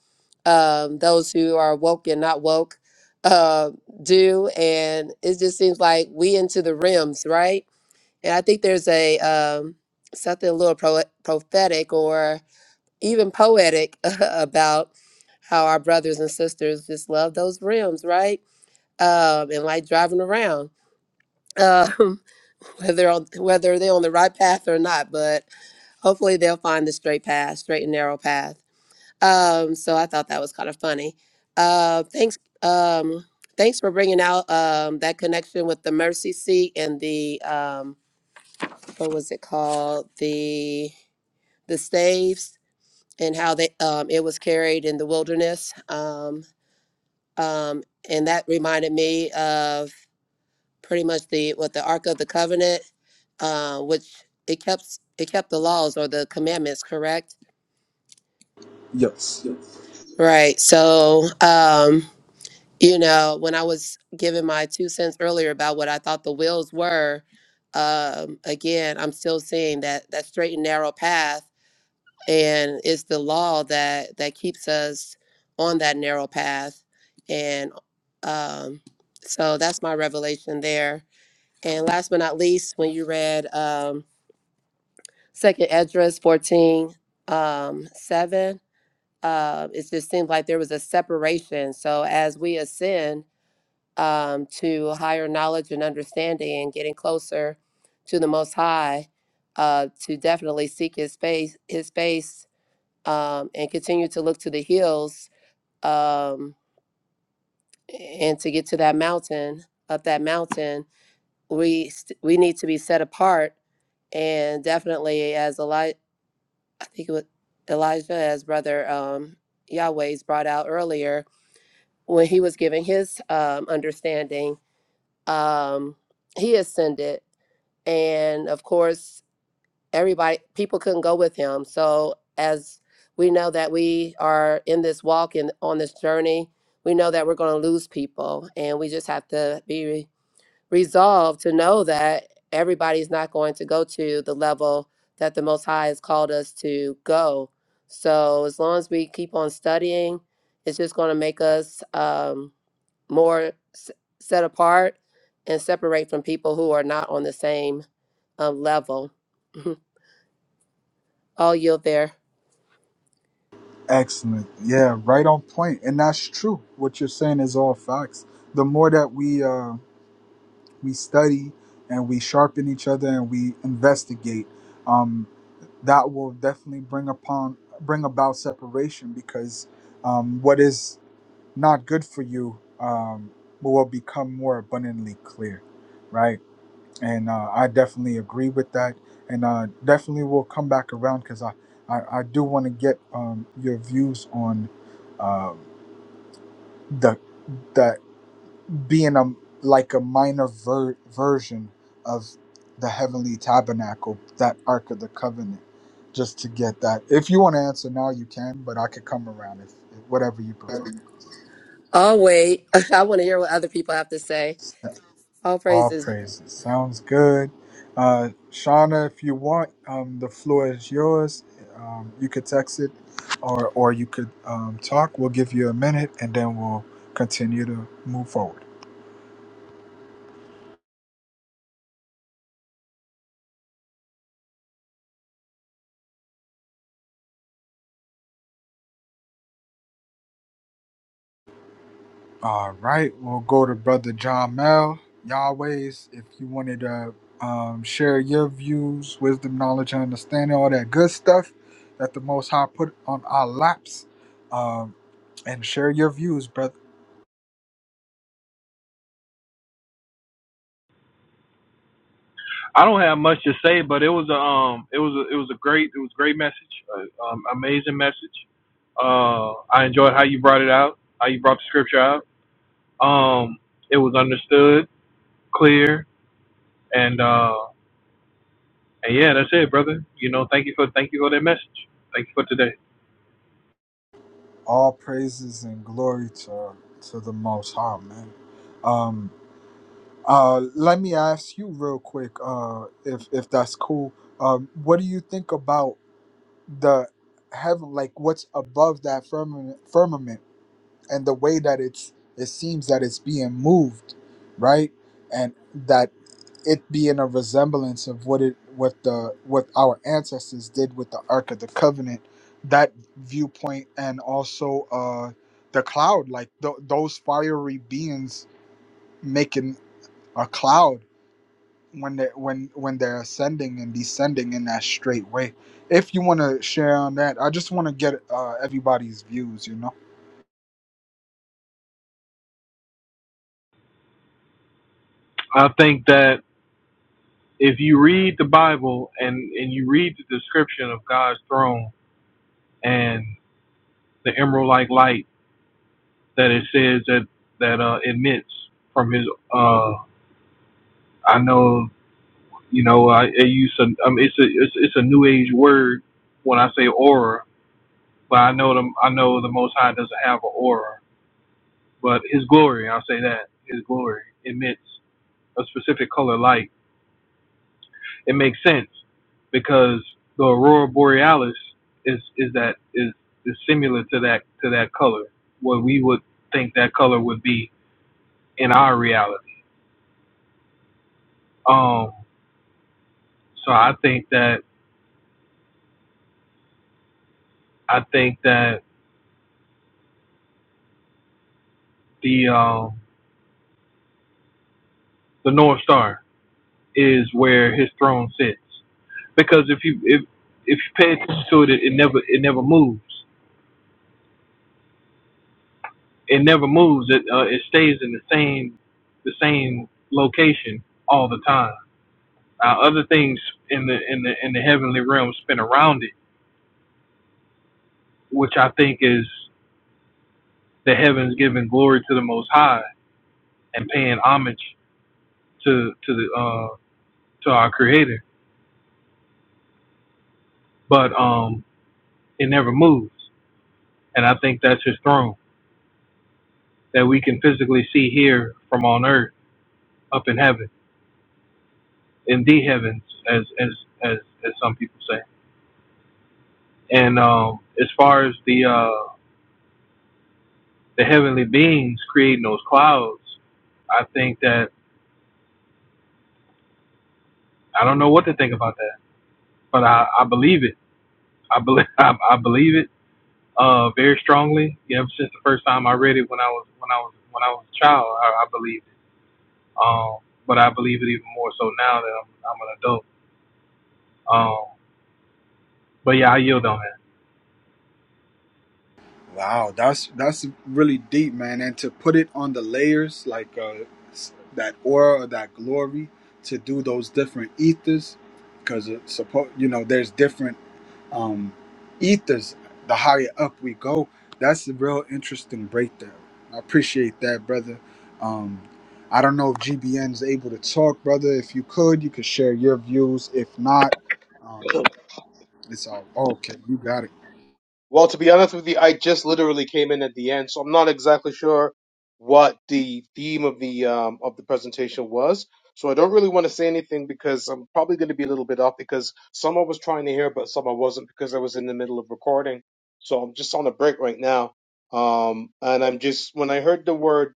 Um, those who are woke and not woke uh, do, and it just seems like we into the rims, right? And I think there's a um, something a little pro- prophetic or even poetic <laughs> about how our brothers and sisters just love those rims, right? Um, and like driving around, um, <laughs> whether on, whether they're on the right path or not. But hopefully they'll find the straight path, straight and narrow path. Um, so I thought that was kind of funny. Uh, thanks. Um, thanks for bringing out um, that connection with the mercy seat and the um, what was it called the the staves and how they um, it was carried in the wilderness um, um, and that reminded me of pretty much the what the ark of the covenant uh, which it kept it kept the laws or the commandments correct
Yes.
right so um, you know when i was giving my two cents earlier about what i thought the wheels were um, again i'm still seeing that that straight and narrow path and it's the law that that keeps us on that narrow path and um so that's my revelation there and last but not least when you read um second esdras 14 um 7 uh, it just seemed like there was a separation so as we ascend um to higher knowledge and understanding and getting closer to the most high uh to definitely seek his face his face um, and continue to look to the hills um, and to get to that mountain up that mountain we st- we need to be set apart and definitely as Eli- I think it was Elijah as brother um, Yahweh's brought out earlier when he was giving his um, understanding um, he ascended and of course everybody people couldn't go with him so as we know that we are in this walk and on this journey we know that we're going to lose people and we just have to be re- resolved to know that everybody's not going to go to the level that the most high has called us to go so as long as we keep on studying it's just going to make us um, more s- set apart and separate from people who are not on the same um, level <laughs> I'll yield there.
Excellent. Yeah, right on point. And that's true. What you're saying is all facts. The more that we uh, we study and we sharpen each other and we investigate, um, that will definitely bring upon bring about separation because um, what is not good for you um, will become more abundantly clear, right? And uh, I definitely agree with that, and uh, definitely will come back around because I, I, I do want to get um, your views on um the that being a like a minor ver- version of the heavenly tabernacle, that Ark of the Covenant, just to get that. If you want to answer now, you can, but I could come around if, if whatever you prefer.
I'll wait. <laughs> I want to hear what other people have to say. All
All
praises.
praises. Sounds good. Uh, Shauna, if you want, um, the floor is yours. Um, you could text it or, or you could um, talk. We'll give you a minute and then we'll continue to move forward. All right. We'll go to Brother John Mel. Yahweh's, if you wanted to um, share your views, wisdom, knowledge, and understanding, all that good stuff that the Most High put on our laps, um, and share your views, brother.
I don't have much to say, but it was a um it was a, it was a great it was a great message, uh, um, amazing message. Uh, I enjoyed how you brought it out, how you brought the scripture out. Um, it was understood, clear, and uh, and yeah, that's it, brother. You know, thank you for thank you for that message. Thank you for today.
all praises and glory to to the Most High, man. Um, uh, let me ask you real quick, uh, if if that's cool. Um, what do you think about the heaven, like what's above that firmament, firmament, and the way that it's it seems that it's being moved, right? And that it being a resemblance of what it what the what our ancestors did with the Ark of the Covenant, that viewpoint, and also uh the cloud, like th- those fiery beings making a cloud when they when when they're ascending and descending in that straight way. If you want to share on that, I just want to get uh, everybody's views. You know.
I think that if you read the Bible and, and you read the description of God's throne and the emerald like light that it says that that uh, emits from his uh, I know you know I, I use a, um, it's a it's, it's a new age word when I say aura, but I know the I know the Most High doesn't have an aura, but His glory I'll say that His glory emits a specific color light it makes sense because the aurora borealis is is that is is similar to that to that color what we would think that color would be in our reality um so i think that i think that the um the north star is where his throne sits because if you if if you pay attention to it it, it never it never moves it never moves it uh, it stays in the same the same location all the time uh, other things in the in the in the heavenly realm spin around it, which I think is the heavens giving glory to the Most High and paying homage to to the uh, to our Creator. But um, it never moves, and I think that's His throne that we can physically see here from on earth up in heaven in the heavens, as as as, as some people say. And um, as far as the uh, the heavenly beings creating those clouds, I think that I don't know what to think about that but I, I believe it. I believe <laughs> I, I believe it uh, very strongly. You know, since the first time I read it when I was when I was when I was a child, I, I believed it. Um, but I believe it even more so now that I'm, I'm an adult. Um, but yeah, I yield on that.
Wow, that's that's really deep, man. And to put it on the layers, like uh, s- that aura or that glory, to do those different ethers, because suppose you know there's different um, ethers. The higher up we go, that's a real interesting breakdown. I appreciate that, brother. Um, I don't know if GBN is able to talk, brother. If you could, you could share your views. If not, um, it's all okay. You got it.
Well, to be honest with you, I just literally came in at the end, so I'm not exactly sure what the theme of the um of the presentation was. So I don't really want to say anything because I'm probably going to be a little bit off because some I was trying to hear, but some I wasn't because I was in the middle of recording. So I'm just on a break right now. Um, and I'm just when I heard the word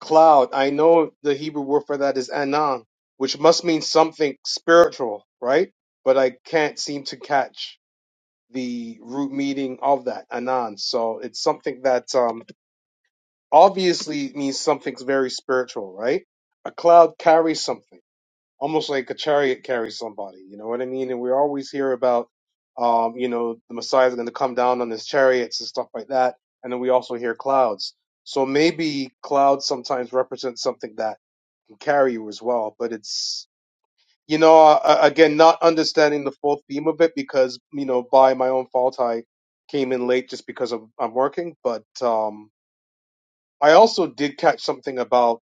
cloud, I know the Hebrew word for that is anan, which must mean something spiritual, right? But I can't seem to catch the root meaning of that Anand. So it's something that um, obviously means something's very spiritual, right? A cloud carries something, almost like a chariot carries somebody. You know what I mean? And we always hear about, um, you know, the Messiah's going to come down on his chariots and stuff like that. And then we also hear clouds. So maybe clouds sometimes represent something that can carry you as well, but it's you know, uh, again, not understanding the full theme of it because, you know, by my own fault, I came in late just because of, I'm working. But um, I also did catch something about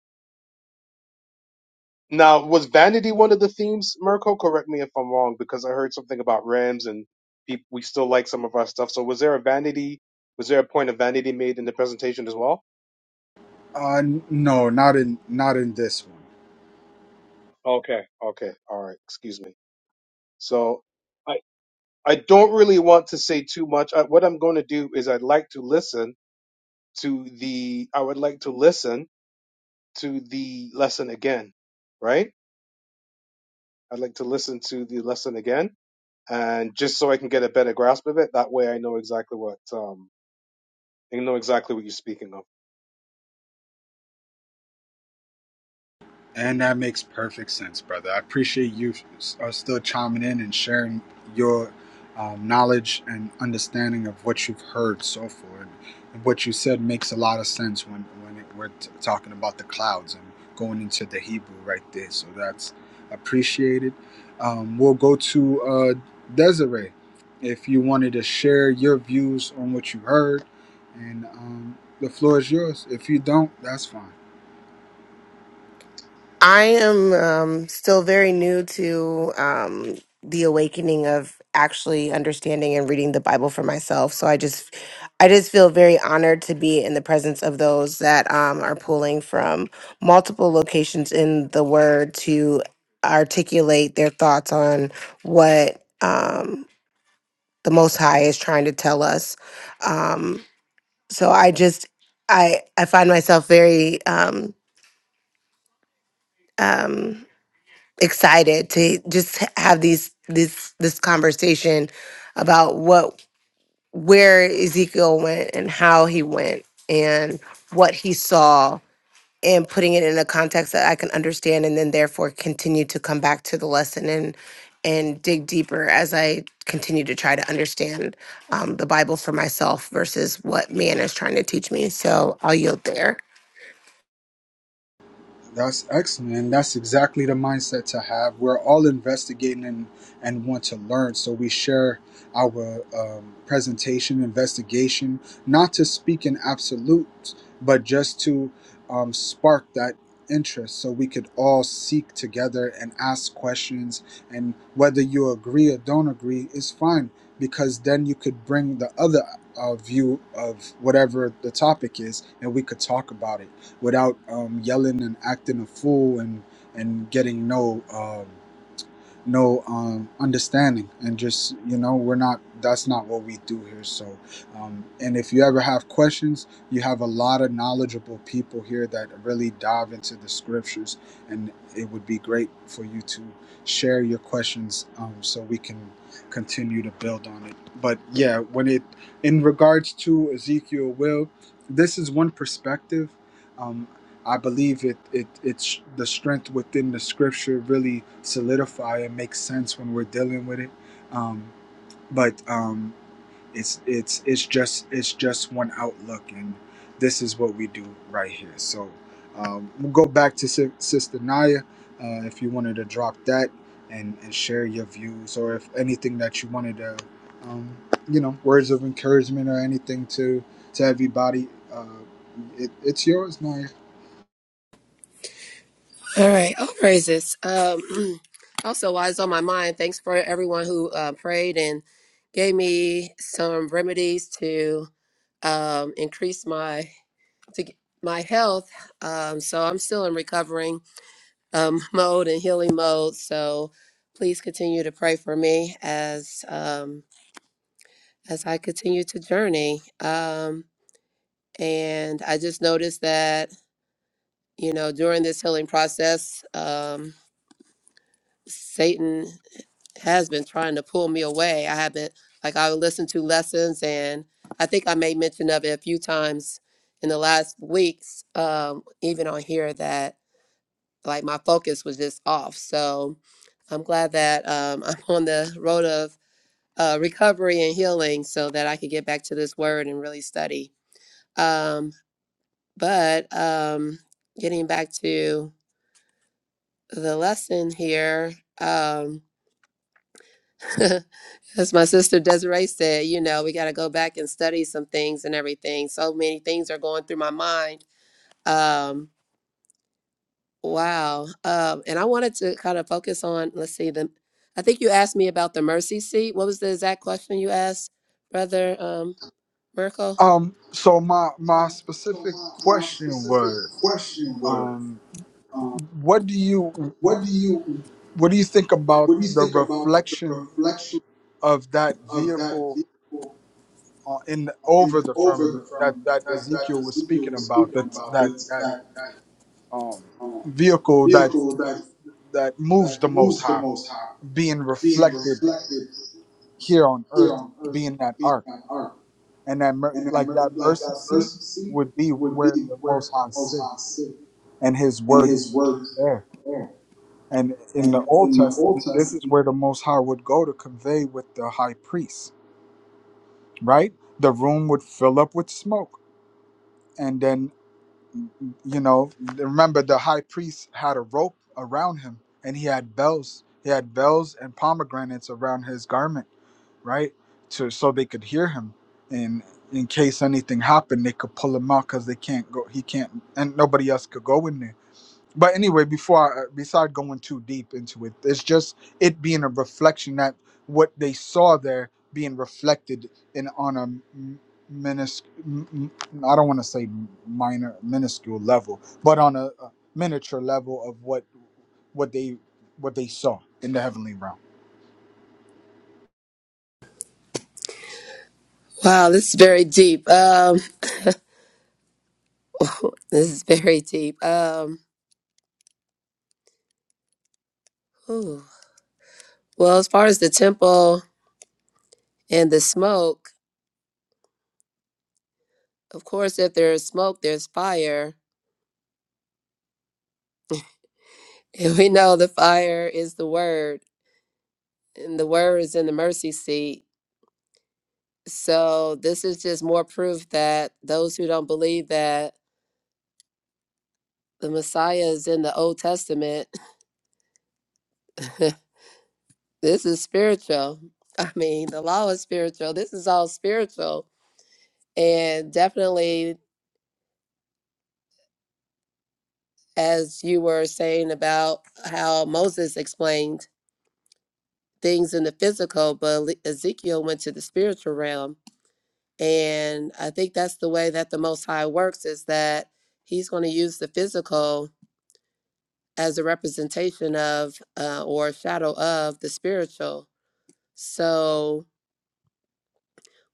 now was vanity one of the themes, Mirko? Correct me if I'm wrong because I heard something about Rams and people, we still like some of our stuff. So was there a vanity? Was there a point of vanity made in the presentation as well?
Uh, n- no, not in not in this one.
Okay, okay, all right. Excuse me. So I I don't really want to say too much. I, what I'm going to do is I'd like to listen to the I would like to listen to the lesson again, right? I'd like to listen to the lesson again, and just so I can get a better grasp of it. That way, I know exactly what um, I know exactly what you're speaking of.
And that makes perfect sense, brother. I appreciate you are still chiming in and sharing your um, knowledge and understanding of what you've heard so far. And what you said makes a lot of sense when when it, we're t- talking about the clouds and going into the Hebrew right there. So that's appreciated. Um, we'll go to uh, Desiree if you wanted to share your views on what you heard, and um, the floor is yours. If you don't, that's fine.
I am um, still very new to um, the awakening of actually understanding and reading the Bible for myself. So I just, I just feel very honored to be in the presence of those that um, are pulling from multiple locations in the Word to articulate their thoughts on what um, the Most High is trying to tell us. Um, so I just, I, I find myself very. Um, um, excited to just have these this this conversation about what where Ezekiel went and how he went and what he saw and putting it in a context that I can understand and then therefore continue to come back to the lesson and and dig deeper as I continue to try to understand um, the Bible for myself versus what man is trying to teach me. So I'll yield there.
That's excellent. And that's exactly the mindset to have. We're all investigating and, and want to learn. So we share our um, presentation, investigation, not to speak in absolutes, but just to um, spark that interest so we could all seek together and ask questions. And whether you agree or don't agree is fine because then you could bring the other uh, view of whatever the topic is and we could talk about it without um, yelling and acting a fool and and getting no um, no um, understanding and just you know we're not that's not what we do here so um, and if you ever have questions you have a lot of knowledgeable people here that really dive into the scriptures and it would be great for you to share your questions um, so we can continue to build on it but yeah when it in regards to ezekiel will this is one perspective Um, I believe it, it it's the strength within the scripture really solidify and makes sense when we're dealing with it. Um, but um, it's it's it's just it's just one outlook, and this is what we do right here. So um, we'll go back to Sis- Sister Naya uh, if you wanted to drop that and and share your views, or if anything that you wanted to, um, you know, words of encouragement or anything to to everybody. Uh, it, it's yours, Naya.
All right. All praises. Um, <clears throat> also, while it's on my mind, thanks for everyone who uh, prayed and gave me some remedies to um, increase my to g- my health. Um, so I'm still in recovering um, <laughs> mode and healing mode. So please continue to pray for me as um, as I continue to journey. Um, and I just noticed that. you know, during this healing process, um, Satan has been trying to pull me away. I haven't, like, I listened to lessons, and I think I made mention of it a few times in the last weeks, um, even on here, that like my focus was just off. So I'm glad that um, <laughs> I'm on the road of uh, recovery and healing so that I could get back to this word and really study. Um, but um, getting back to the lesson here. Um, <laughs> as my sister Desiree said, you know, we got to go back and study some things and everything. So many things are going through my mind. Um, wow. Um, and I wanted to kind of focus on, let's see, the, I think you asked me about the mercy seat. What was the exact question you asked, Brother um, Merkel?
Um, so my my specific question was, um, what do you what do you think about the reflection of that vehicle uh, in the, over the firmament that that Ezekiel was speaking about? That that that um, vehicle that that moves the Most High being reflected here on Earth, being that ark, and that mer- like that mercy seat would be where the Most High sits, and His word sits there. And in the Old Testament, this is where the Most High would go to convey with the high priest, right? The room would fill up with smoke. And then, you know, remember the high priest had a rope around him and he had bells. He had bells and pomegranates around his garment, right? To, so they could hear him. And in case anything happened, they could pull him out because they can't go, he can't, and nobody else could go in there but anyway before I, uh, beside going too deep into it it's just it being a reflection that what they saw there being reflected in on a m- minis m- m- i don't want to say minor minuscule level but on a, a miniature level of what what they what they saw in the heavenly realm
Wow, this is very deep. Um, <laughs> this is very deep. Um, whew. Well, as far as the temple and the smoke, Of course, if there is smoke, there's fire. <laughs> And we know the fire is the word, and the word is in the mercy seat. So this is just more proof that those who don't believe that the Messiah is in the Old Testament, <laughs> this is spiritual. I mean, the law is spiritual. This is all spiritual. And definitely, as you were saying about how Moses explained things in the physical, but Le- Ezekiel went to the spiritual realm And I think that's the way that the Most High works is that He's going to use the physical as a representation of uh, or a shadow of the spiritual. So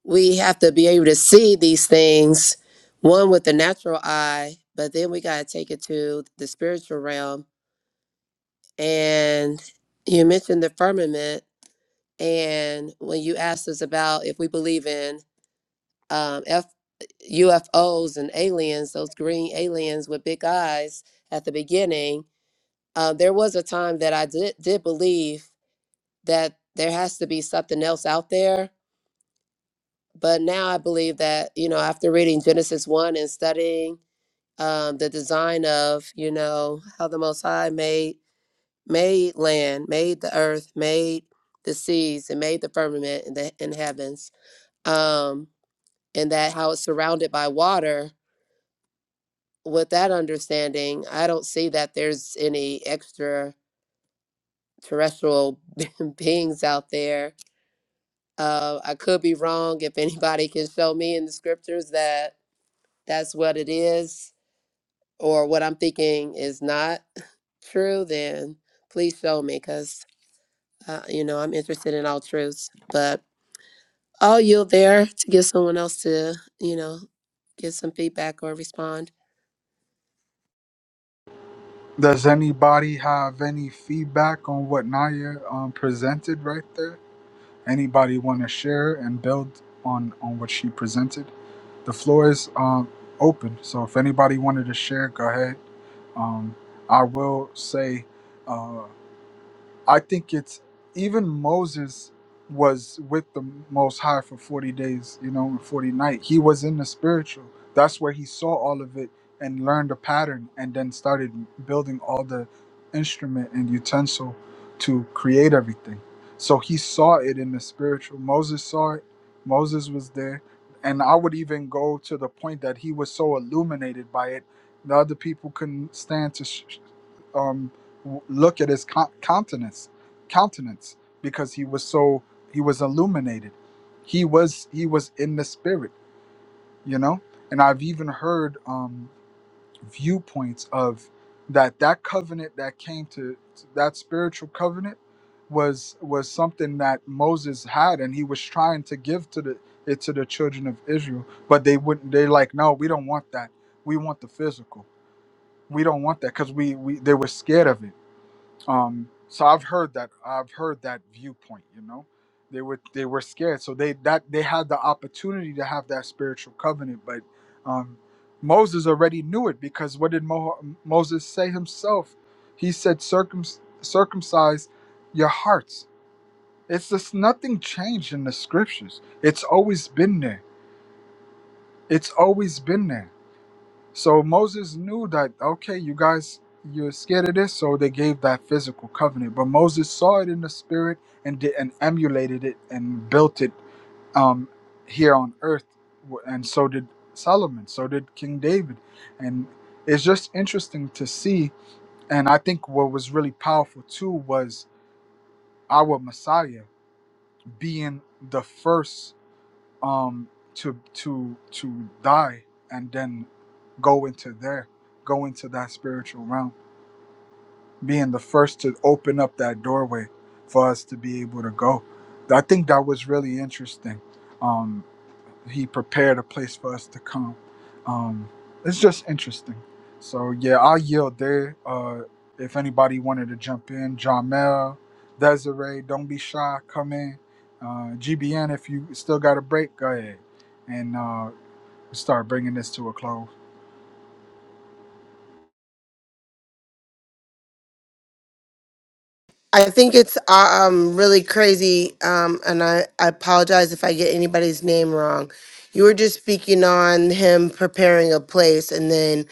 we have to be able to see these things, one with the natural eye, but then we got to take it to the spiritual realm. And you mentioned the firmament. And when you asked us about if we believe in um, UFOs and aliens, those green aliens with big eyes at the beginning, uh, there was a time that I did, did believe that there has to be something else out there. But now I believe that, you know, after reading Genesis 1 and studying um, the design of, you know, how the Most High made, made land, made the earth, made the seas, and made the firmament and the and heavens, um, and that how it's surrounded by water with that understanding, I don't see that there's any extraterrestrial <laughs> beings out there. Uh, I could be wrong if anybody can show me in the scriptures that that's what it is or what I'm thinking is not true, then please show me because, uh, you know, I'm interested in all truths. But I'll yield there to give someone else to, you know, give some feedback or respond.
does anybody have any feedback on what naya um, presented right there anybody want to share and build on on what she presented The floor is um, open, so if anybody wanted to share, go ahead. Um, I will say. uh, I think it's even Moses was with the Most High for 40 days, you know, and 40 night. He was in the spiritual. That's where he saw all of it and learned the pattern and then started building all the instrument and utensil to create everything. So he saw it in the spiritual. Moses saw it. Moses was there. And I would even go to the point that he was so illuminated by it, the other people couldn't stand to sh- um, look at his co- countenance countenance because he was so he was illuminated he was he was in the spirit you know and i've even heard um viewpoints of that that covenant that came to that spiritual covenant was was something that moses had and he was trying to give to the it to the children of israel but they wouldn't they like no we don't want that we want the physical we don't want that because we, we they were scared of it um, so I've heard that I've heard that viewpoint. You know, they were they were scared, so they that they had the opportunity to have that spiritual covenant, but um, Moses already knew it because what did Mo- Moses say himself? He said, Circum- "Circumcise your hearts." It's just nothing changed in the scriptures. It's always been there. It's always been there so Moses knew that, okay, you guys, you're scared of this, so they gave that physical covenant. But Moses saw it in the spirit and did, and emulated it and built it um, here on earth. W- And so did Solomon, so did King David. And it's just interesting to see. And I think what was really powerful too was our Messiah being the first um to to to die and then go into there go into that spiritual realm being the first to open up that doorway for us to be able to go i think that was really interesting Um, he prepared a place for us to come. Um, it's just interesting. So yeah, I'll yield there. Uh, if anybody wanted to jump in, Jamel, Desiree, don't be shy, come in. Uh, GBN, if you still got a break, go ahead and uh, start bringing this to a close.
I think it's uh, um really crazy. Um, and I, I apologize if I get anybody's name wrong. You were just speaking on him preparing a place, and then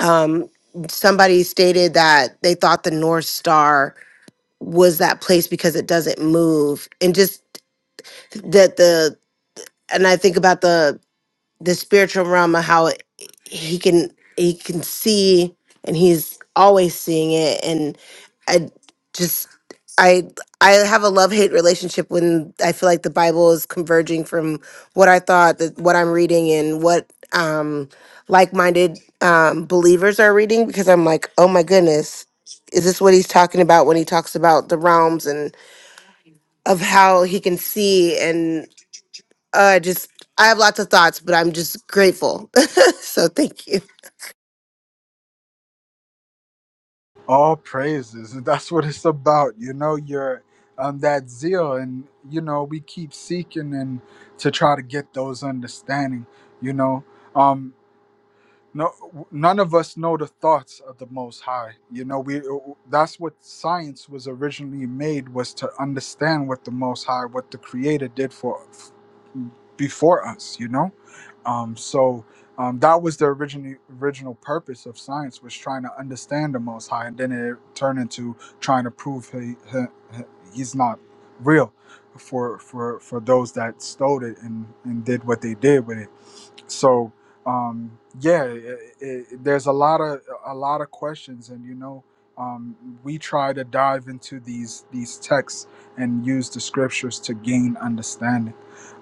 um somebody stated that they thought the North Star was that place because it doesn't move, and just that the and I think about the the spiritual realm of how he can he can see and he's always seeing it and i just i i have a love-hate relationship when i feel like the bible is converging from what i thought that what i'm reading and what um like-minded um believers are reading because i'm like oh my goodness is this what he's talking about when he talks about the realms and of how he can see uh, just I have lots of thoughts, but I'm just grateful. <laughs> so thank you.
All praises, <laughs> and that's what it's about. You know, you're um, that zeal, and you know we keep seeking and to try to get those understanding. You know, um, no none of us know the thoughts of the most high you know we that's what science was originally made was to understand what the most high what the creator did for before us you know um so um, that was the original original purpose of science was trying to understand the most high and then it turned into trying to prove he, he, he- he's not real for for for those that stole it and and did what they did with it so um, yeah it, it, there's a lot of a lot of questions and you know um, we try to dive into these these texts and use the scriptures to gain understanding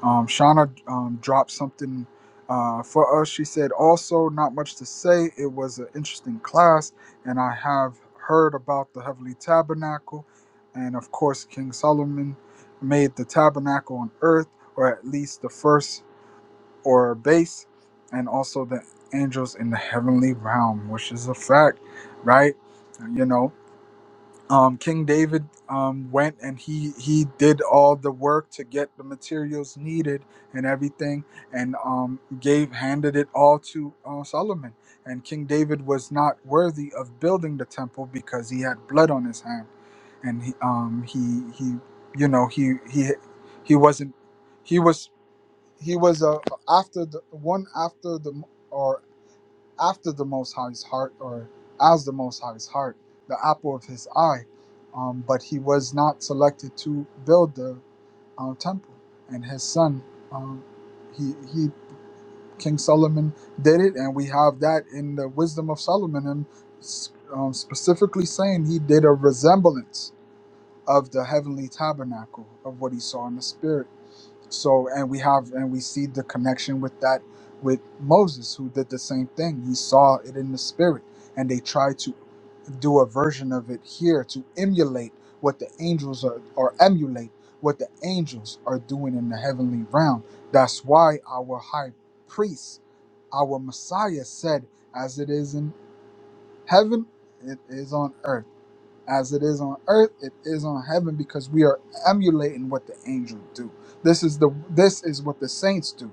um, shauna um, dropped something uh, for us she said also not much to say it was an interesting class and i have heard about the heavenly tabernacle and of course king solomon made the tabernacle on earth or at least the first or base, and also the angels in the heavenly realm, which is a fact, right? You know, um, King David um, went and he he did all the work to get the materials needed and everything, and um, gave handed it all to uh, Solomon. And King David was not worthy of building the temple because he had blood on his hand, and he um, he he you know he he he wasn't he was he was uh, after the one after the or after the most high's heart or as the most high's heart the apple of his eye um, but he was not selected to build the uh, temple and his son um, he he king solomon did it and we have that in the wisdom of solomon and s- um, specifically saying he did a resemblance of the heavenly tabernacle of what he saw in the spirit so, and we have, and we see the connection with that, with Moses, who did the same thing. He saw it in the spirit, and they tried to do a version of it here to emulate what the angels are, or emulate what the angels are doing in the heavenly realm. That's why our high priest, our Messiah, said, As it is in heaven, it is on earth as it is on earth it is on heaven because we are emulating what the angels do this is the this is what the saints do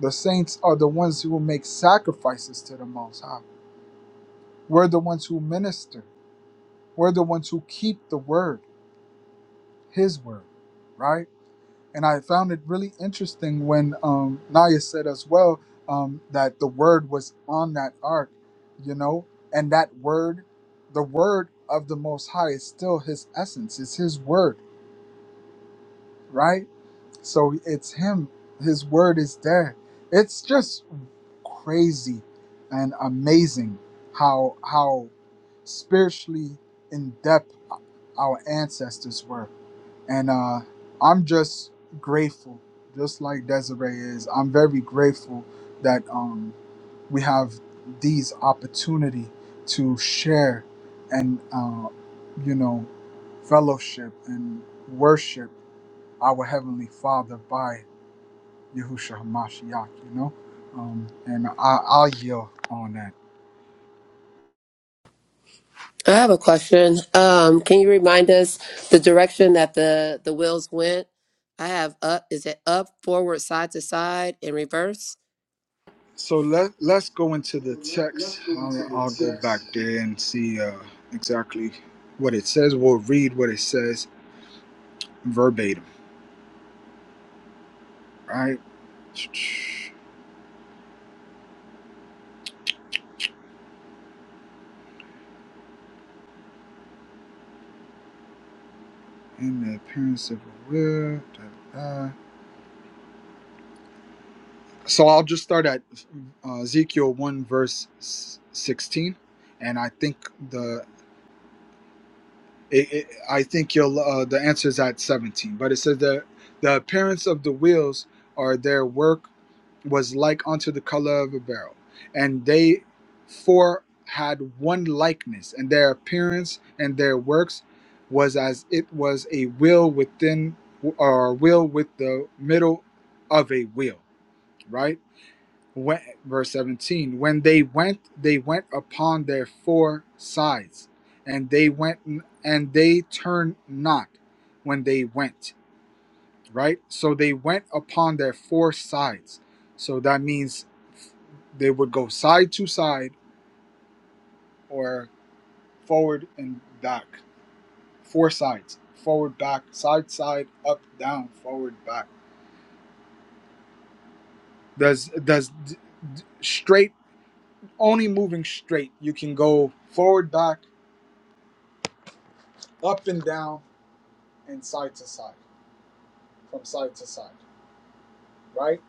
the saints are the ones who make sacrifices to the most high we're the ones who minister we're the ones who keep the word his word right and i found it really interesting when um naya said as well um that the word was on that ark you know and that word the word of the most high is still his essence it's his word right So it's him. His word is there. It's just crazy and amazing how how spiritually in depth our ancestors were. And uh, I'm just grateful, just like Desiree is. I'm very grateful that um, we have these opportunity to share and uh, you know fellowship and worship our Heavenly Father by Yahushua HaMashiach, you know? Um, and I, I'll yield on that.
I have a question. Um, can you remind us the direction that the the wheels went? I have up. Is it up, forward, side to side, and reverse?
So let, let's go into the text. I'll, I'll go back there and see uh, exactly what it says. We'll read what it says verbatim, right? In the appearance of a will. da, da, So I'll just start at uh, Ezekiel 1, verse 16. And I think the It, it, I think you'll. Uh, the answer is at seventeen, but it says the the appearance of the wheels or their work was like unto the color of a barrel, and they four had one likeness, and their appearance and their works was as it was a wheel within or a wheel with the middle of a wheel, right? when, verse 17 when they went they went upon their four sides and they went and they turned not when they went right so they went upon their four sides so that means they would go side to side or forward and back four sides forward back side side up down forward back does does d- d- straight only moving straight you can go forward back up and down and side to side, from side to side, right?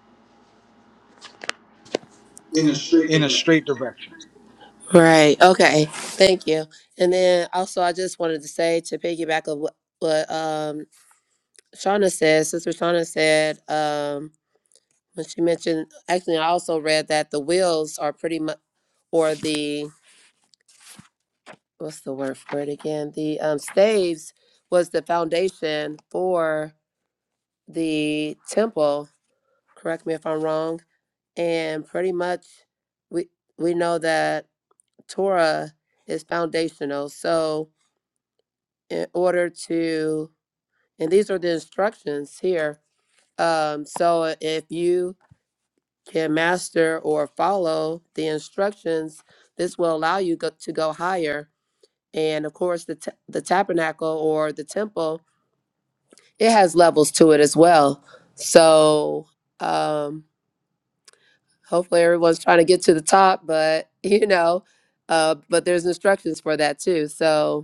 In a straight direction.
Right. Okay. Thank you. And then also, I just wanted to say to piggyback of what, what um, Shauna said. Sister Shauna said um, when she mentioned. Actually, I also read that the wheels are pretty much, or the what's the word for it again? The um, staves was the foundation for. the temple, correct me if I'm wrong, and pretty much we we know that Torah is foundational. So in order to and these are the instructions here. Um, so if you can master or follow the instructions, this will allow you go, to go higher. And of course, the t- the tabernacle or the temple, it has levels to it as well. So um, hopefully everyone's trying to get to the top, but <laughs> you know, uh, but there's instructions for that too. So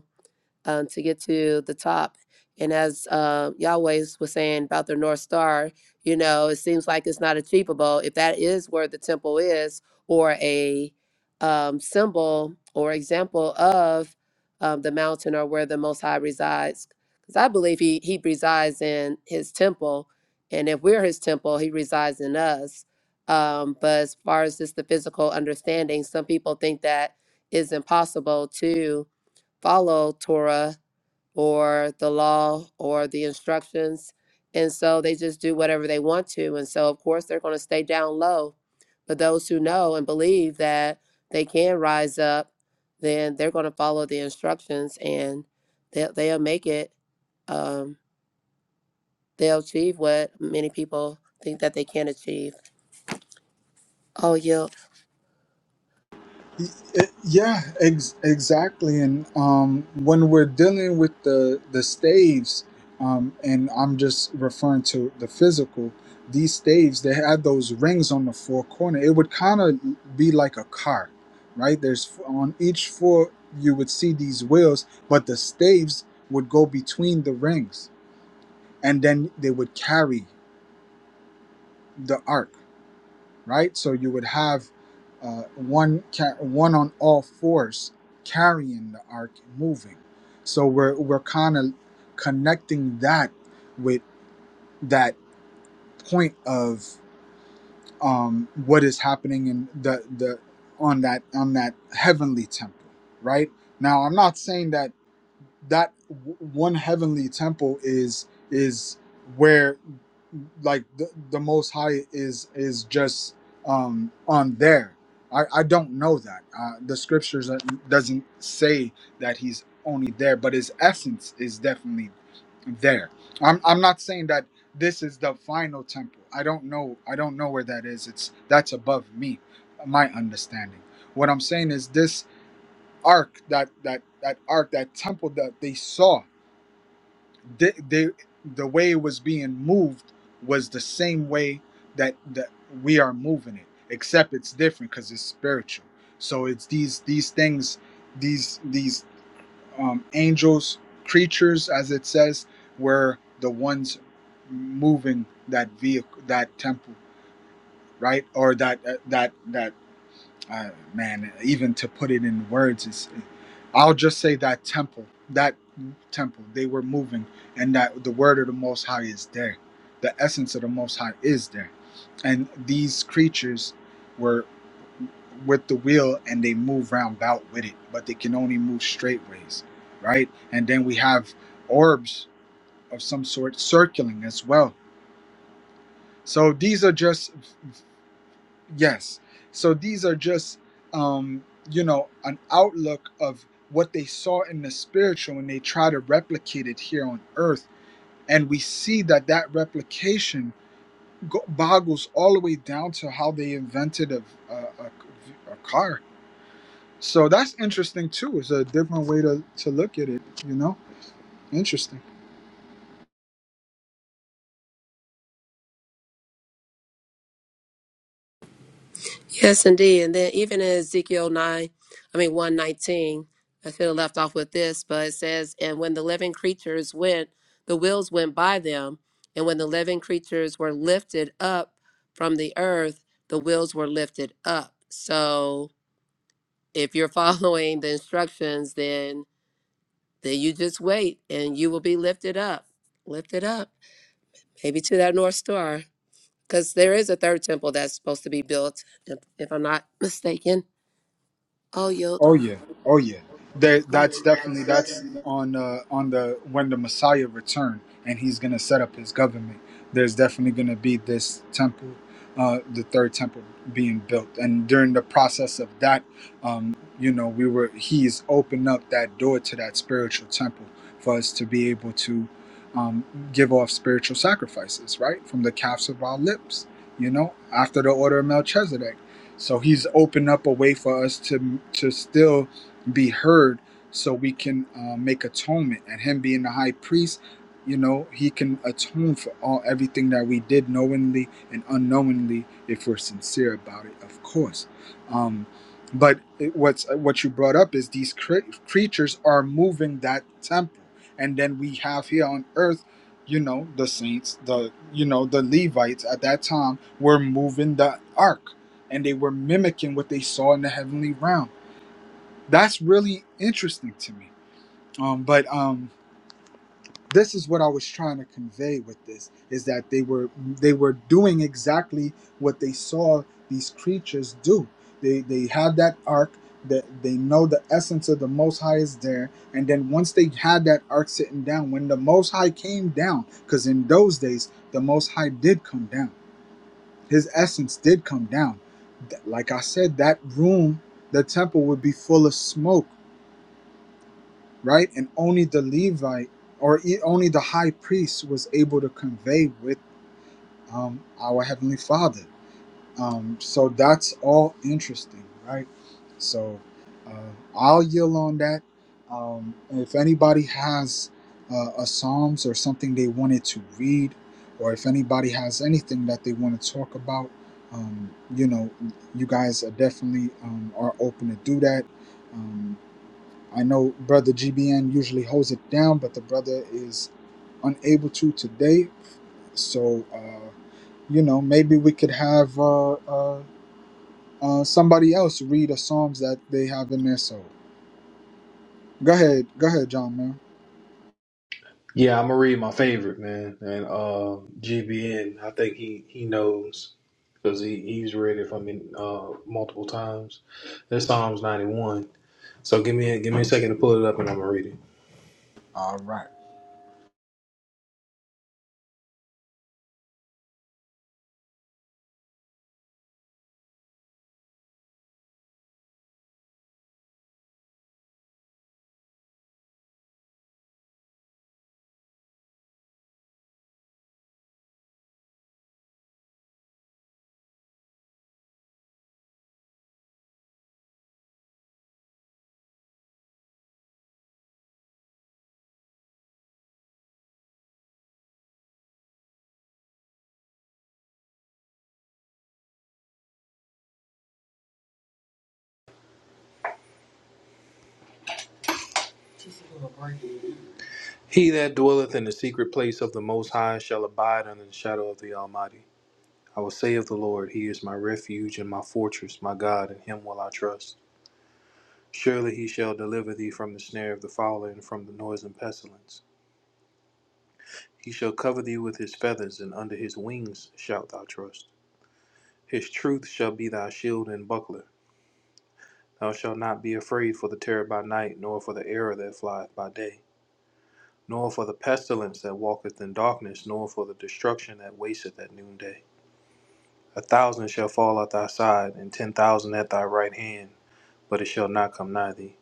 um, to get to the top. And as uh, Yahweh was saying about the North Star, you know, it seems like it's not achievable. If that is where the temple is, or a um, symbol or example of um, the mountain or where the Most High resides, because I believe he, he resides in his temple. And if we're his temple, he resides in us. Um, but as far as just the physical understanding, some people think that it's impossible to follow Torah or the law or the instructions. And so they just do whatever they want to. And so, of course, they're going to stay down low. But those who know and believe that they can rise up, then they're going to follow the instructions and they'll, they'll make it. Um, they'll achieve what many people think that they can achieve. Oh, yeah.
it- Yeah, ex- exactly. And um, when we're dealing with the the staves, um, and I'm just referring to the physical. These staves, they had those rings on the four corner. It would kind of be like a car, right? There's f- on each four you would see these wheels, but the staves would go between the rings, and then they would carry the ark right? So you would have uh, one ca- one on all fours carrying the ark and moving. So we're we're kind of connecting that with that point of um, what is happening in the the on that on that heavenly temple, right? Now I'm not saying that that w- one heavenly temple is is where like the, the most high is is just um on there i i don't know that uh the scriptures doesn't say that he's only there but his essence is definitely there i'm i'm not saying that this is the final temple i don't know i don't know where that is it's that's above me my understanding what i'm saying is this ark that that that ark that temple that they saw they, they the way it was being moved was the same way that that we are moving it except it's different because it's spiritual so it's these these things these these um, angels creatures as it says were the ones moving that vehicle that temple right or that that that I, man, even to put it in words is, I'll just say that temple, that temple, they were moving, and that the word of the Most High is there, the essence of the Most High is there, and these creatures were with the wheel and they move round about with it, but they can only move straight ways, right? And then we have orbs of some sort circling as well. So these are just Yes. So these are just, um, you know, an outlook of what they saw in the spiritual and they try to replicate it here on earth. And we see that that replication go- boggles all the way down to how they invented a, a, a, a car. So that's interesting too. It's a different way to, to look at it, you know? interesting.
Yes, indeed. And then even in Ezekiel 9, I mean 119, I should have left off with this, but it says, And when the living creatures went, the wheels went by them. And when the living creatures were lifted up from the earth, the wheels were lifted up. So if you're <laughs> following the instructions, then then you just wait and you will be lifted up. Lifted up. Maybe to that North Star. Because there is a third temple that's supposed to be built, if, if I'm not mistaken. Oh,
Oh yeah, oh yeah. There, that's definitely that's on uh, on the when the Messiah return and he's gonna set up his government. There's definitely gonna be this temple, uh, the third temple being built, and during the process of that, um, you know, we were he's opened up that door to that spiritual temple for us to be able to um, give off spiritual sacrifices, right, from the calves of our lips. You know, after the order of Melchizedek so he's opened up a way for us to to still be heard, so we can uh, make atonement. And him being the high priest, you know, he can atone for all everything that we did knowingly and unknowingly if we're sincere about it, of course. Um, but it, what's what you brought up is these cre- creatures are moving that temple, and then we have here on earth. You know the saints, the you know the Levites at that time were moving the ark and they were mimicking what they saw in the heavenly realm. That's really interesting to me. Um, but um, this is what I was trying to convey with this is that they were they were doing exactly what they saw these creatures do. They they had that ark that they know the essence of the Most High is there, and then once they had that ark sitting down, when the Most High came down, because in those days the Most High did come down his essence did come down. Like I said, that room, the temple would be full of smoke, right? And only the Levite or e- only the high priest was able to convey with um, our Heavenly Father. Um, so that's all interesting, right? So uh, I'll yield on that. Um, if anybody has uh, a Psalms or something they wanted to read, or if anybody has anything that they want to talk about, um, you know, you guys are definitely um, are open to do that. Um, I know brother GBN usually holds it down, but the brother is unable to today. So uh, you know, maybe we could have uh, uh, uh, somebody else read the psalms that they have in their soul. Go ahead, go ahead, John, man.
Yeah, I'm gonna read my favorite man, and uh, GBN. I think he he knows because he he's read it from in uh, multiple times. That's Psalms 91. So give me a, give me a second to pull it up, and I'm gonna read it.
All right.
He that dwelleth in the secret place of the Most High shall abide under the shadow of the Almighty. I will say of the Lord, He is my refuge and my fortress, my God, in Him will I trust. Surely He shall deliver thee from the snare of the fowler and from the noisome pestilence. He shall cover thee with His feathers, and under His wings shalt thou trust. His truth shall be thy shield and buckler. Thou shalt not be afraid for the terror by night, nor for the arrow that flieth by day, nor for the pestilence that walketh in darkness, nor for the destruction that wasteth at noonday. A thousand shall fall at thy side, and ten thousand at thy right hand, but it shall not come nigh thee.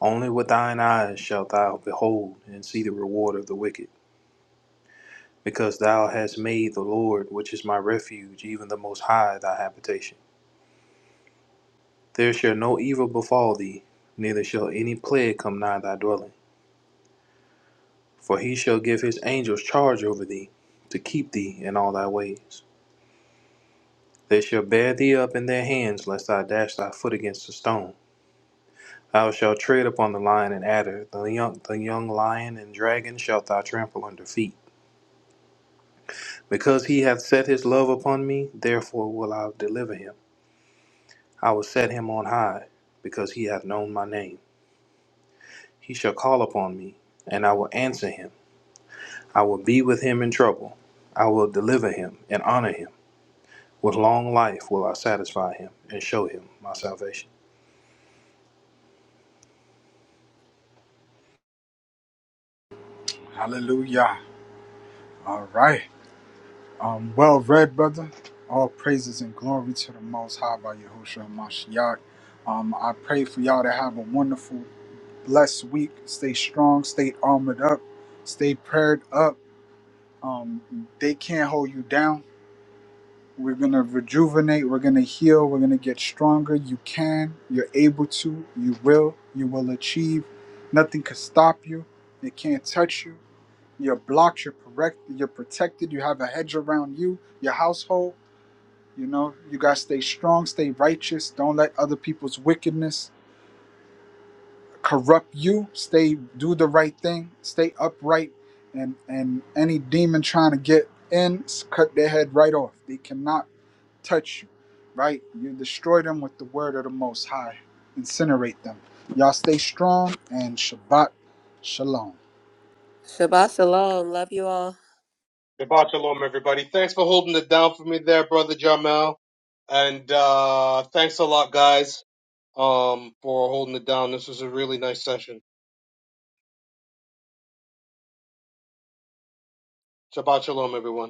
Only with thine eyes shalt thou behold and see the reward of the wicked, because thou hast made the Lord, which is my refuge, even the Most High, thy habitation. There shall no evil befall thee, neither shall any plague come nigh thy dwelling. For he shall give his angels charge over thee, to keep thee in all thy ways. They shall bear thee up in their hands, lest thou dash thy foot against a stone. Thou shalt tread upon the lion and adder, the young, the young lion and dragon shalt thou trample under feet. Because he hath set his love upon me, therefore will I deliver him. I will set him on high, because he hath known my name. He shall call upon me, and I will answer him. I will be with him in trouble. I will deliver him and honor him. With long life will I satisfy him and show him my salvation.
Hallelujah. All right. Um, well read, brother. All praises and glory to the Most High by Yahushua Mashiach. Um, I pray for y'all to have a wonderful, blessed week. Stay strong, stay armored up, stay prayed up. Um, they can't hold you down. We're going to rejuvenate. We're going to heal. We're going to get stronger. You can. You're able to. You will. You will achieve. Nothing can stop you. They can't touch you. You're blocked. You're correct. You're protected. You have a hedge around you, your household. You know, you got to stay strong, stay righteous. Don't let other people's wickedness corrupt you. Stay, do the right thing. Stay upright. And, and any demon trying to get in, cut their head right off. They cannot touch you, right? You destroy them with the word of the Most High, incinerate them. Y'all stay strong and Shabbat Shalom.
Shabbat shalom. Love you all.
Shabbat shalom, everybody. Thanks for holding it down for me there, brother Jamel, and uh, thanks a lot, guys, um, for holding it down. This was a really nice session. Shabbat shalom, everyone.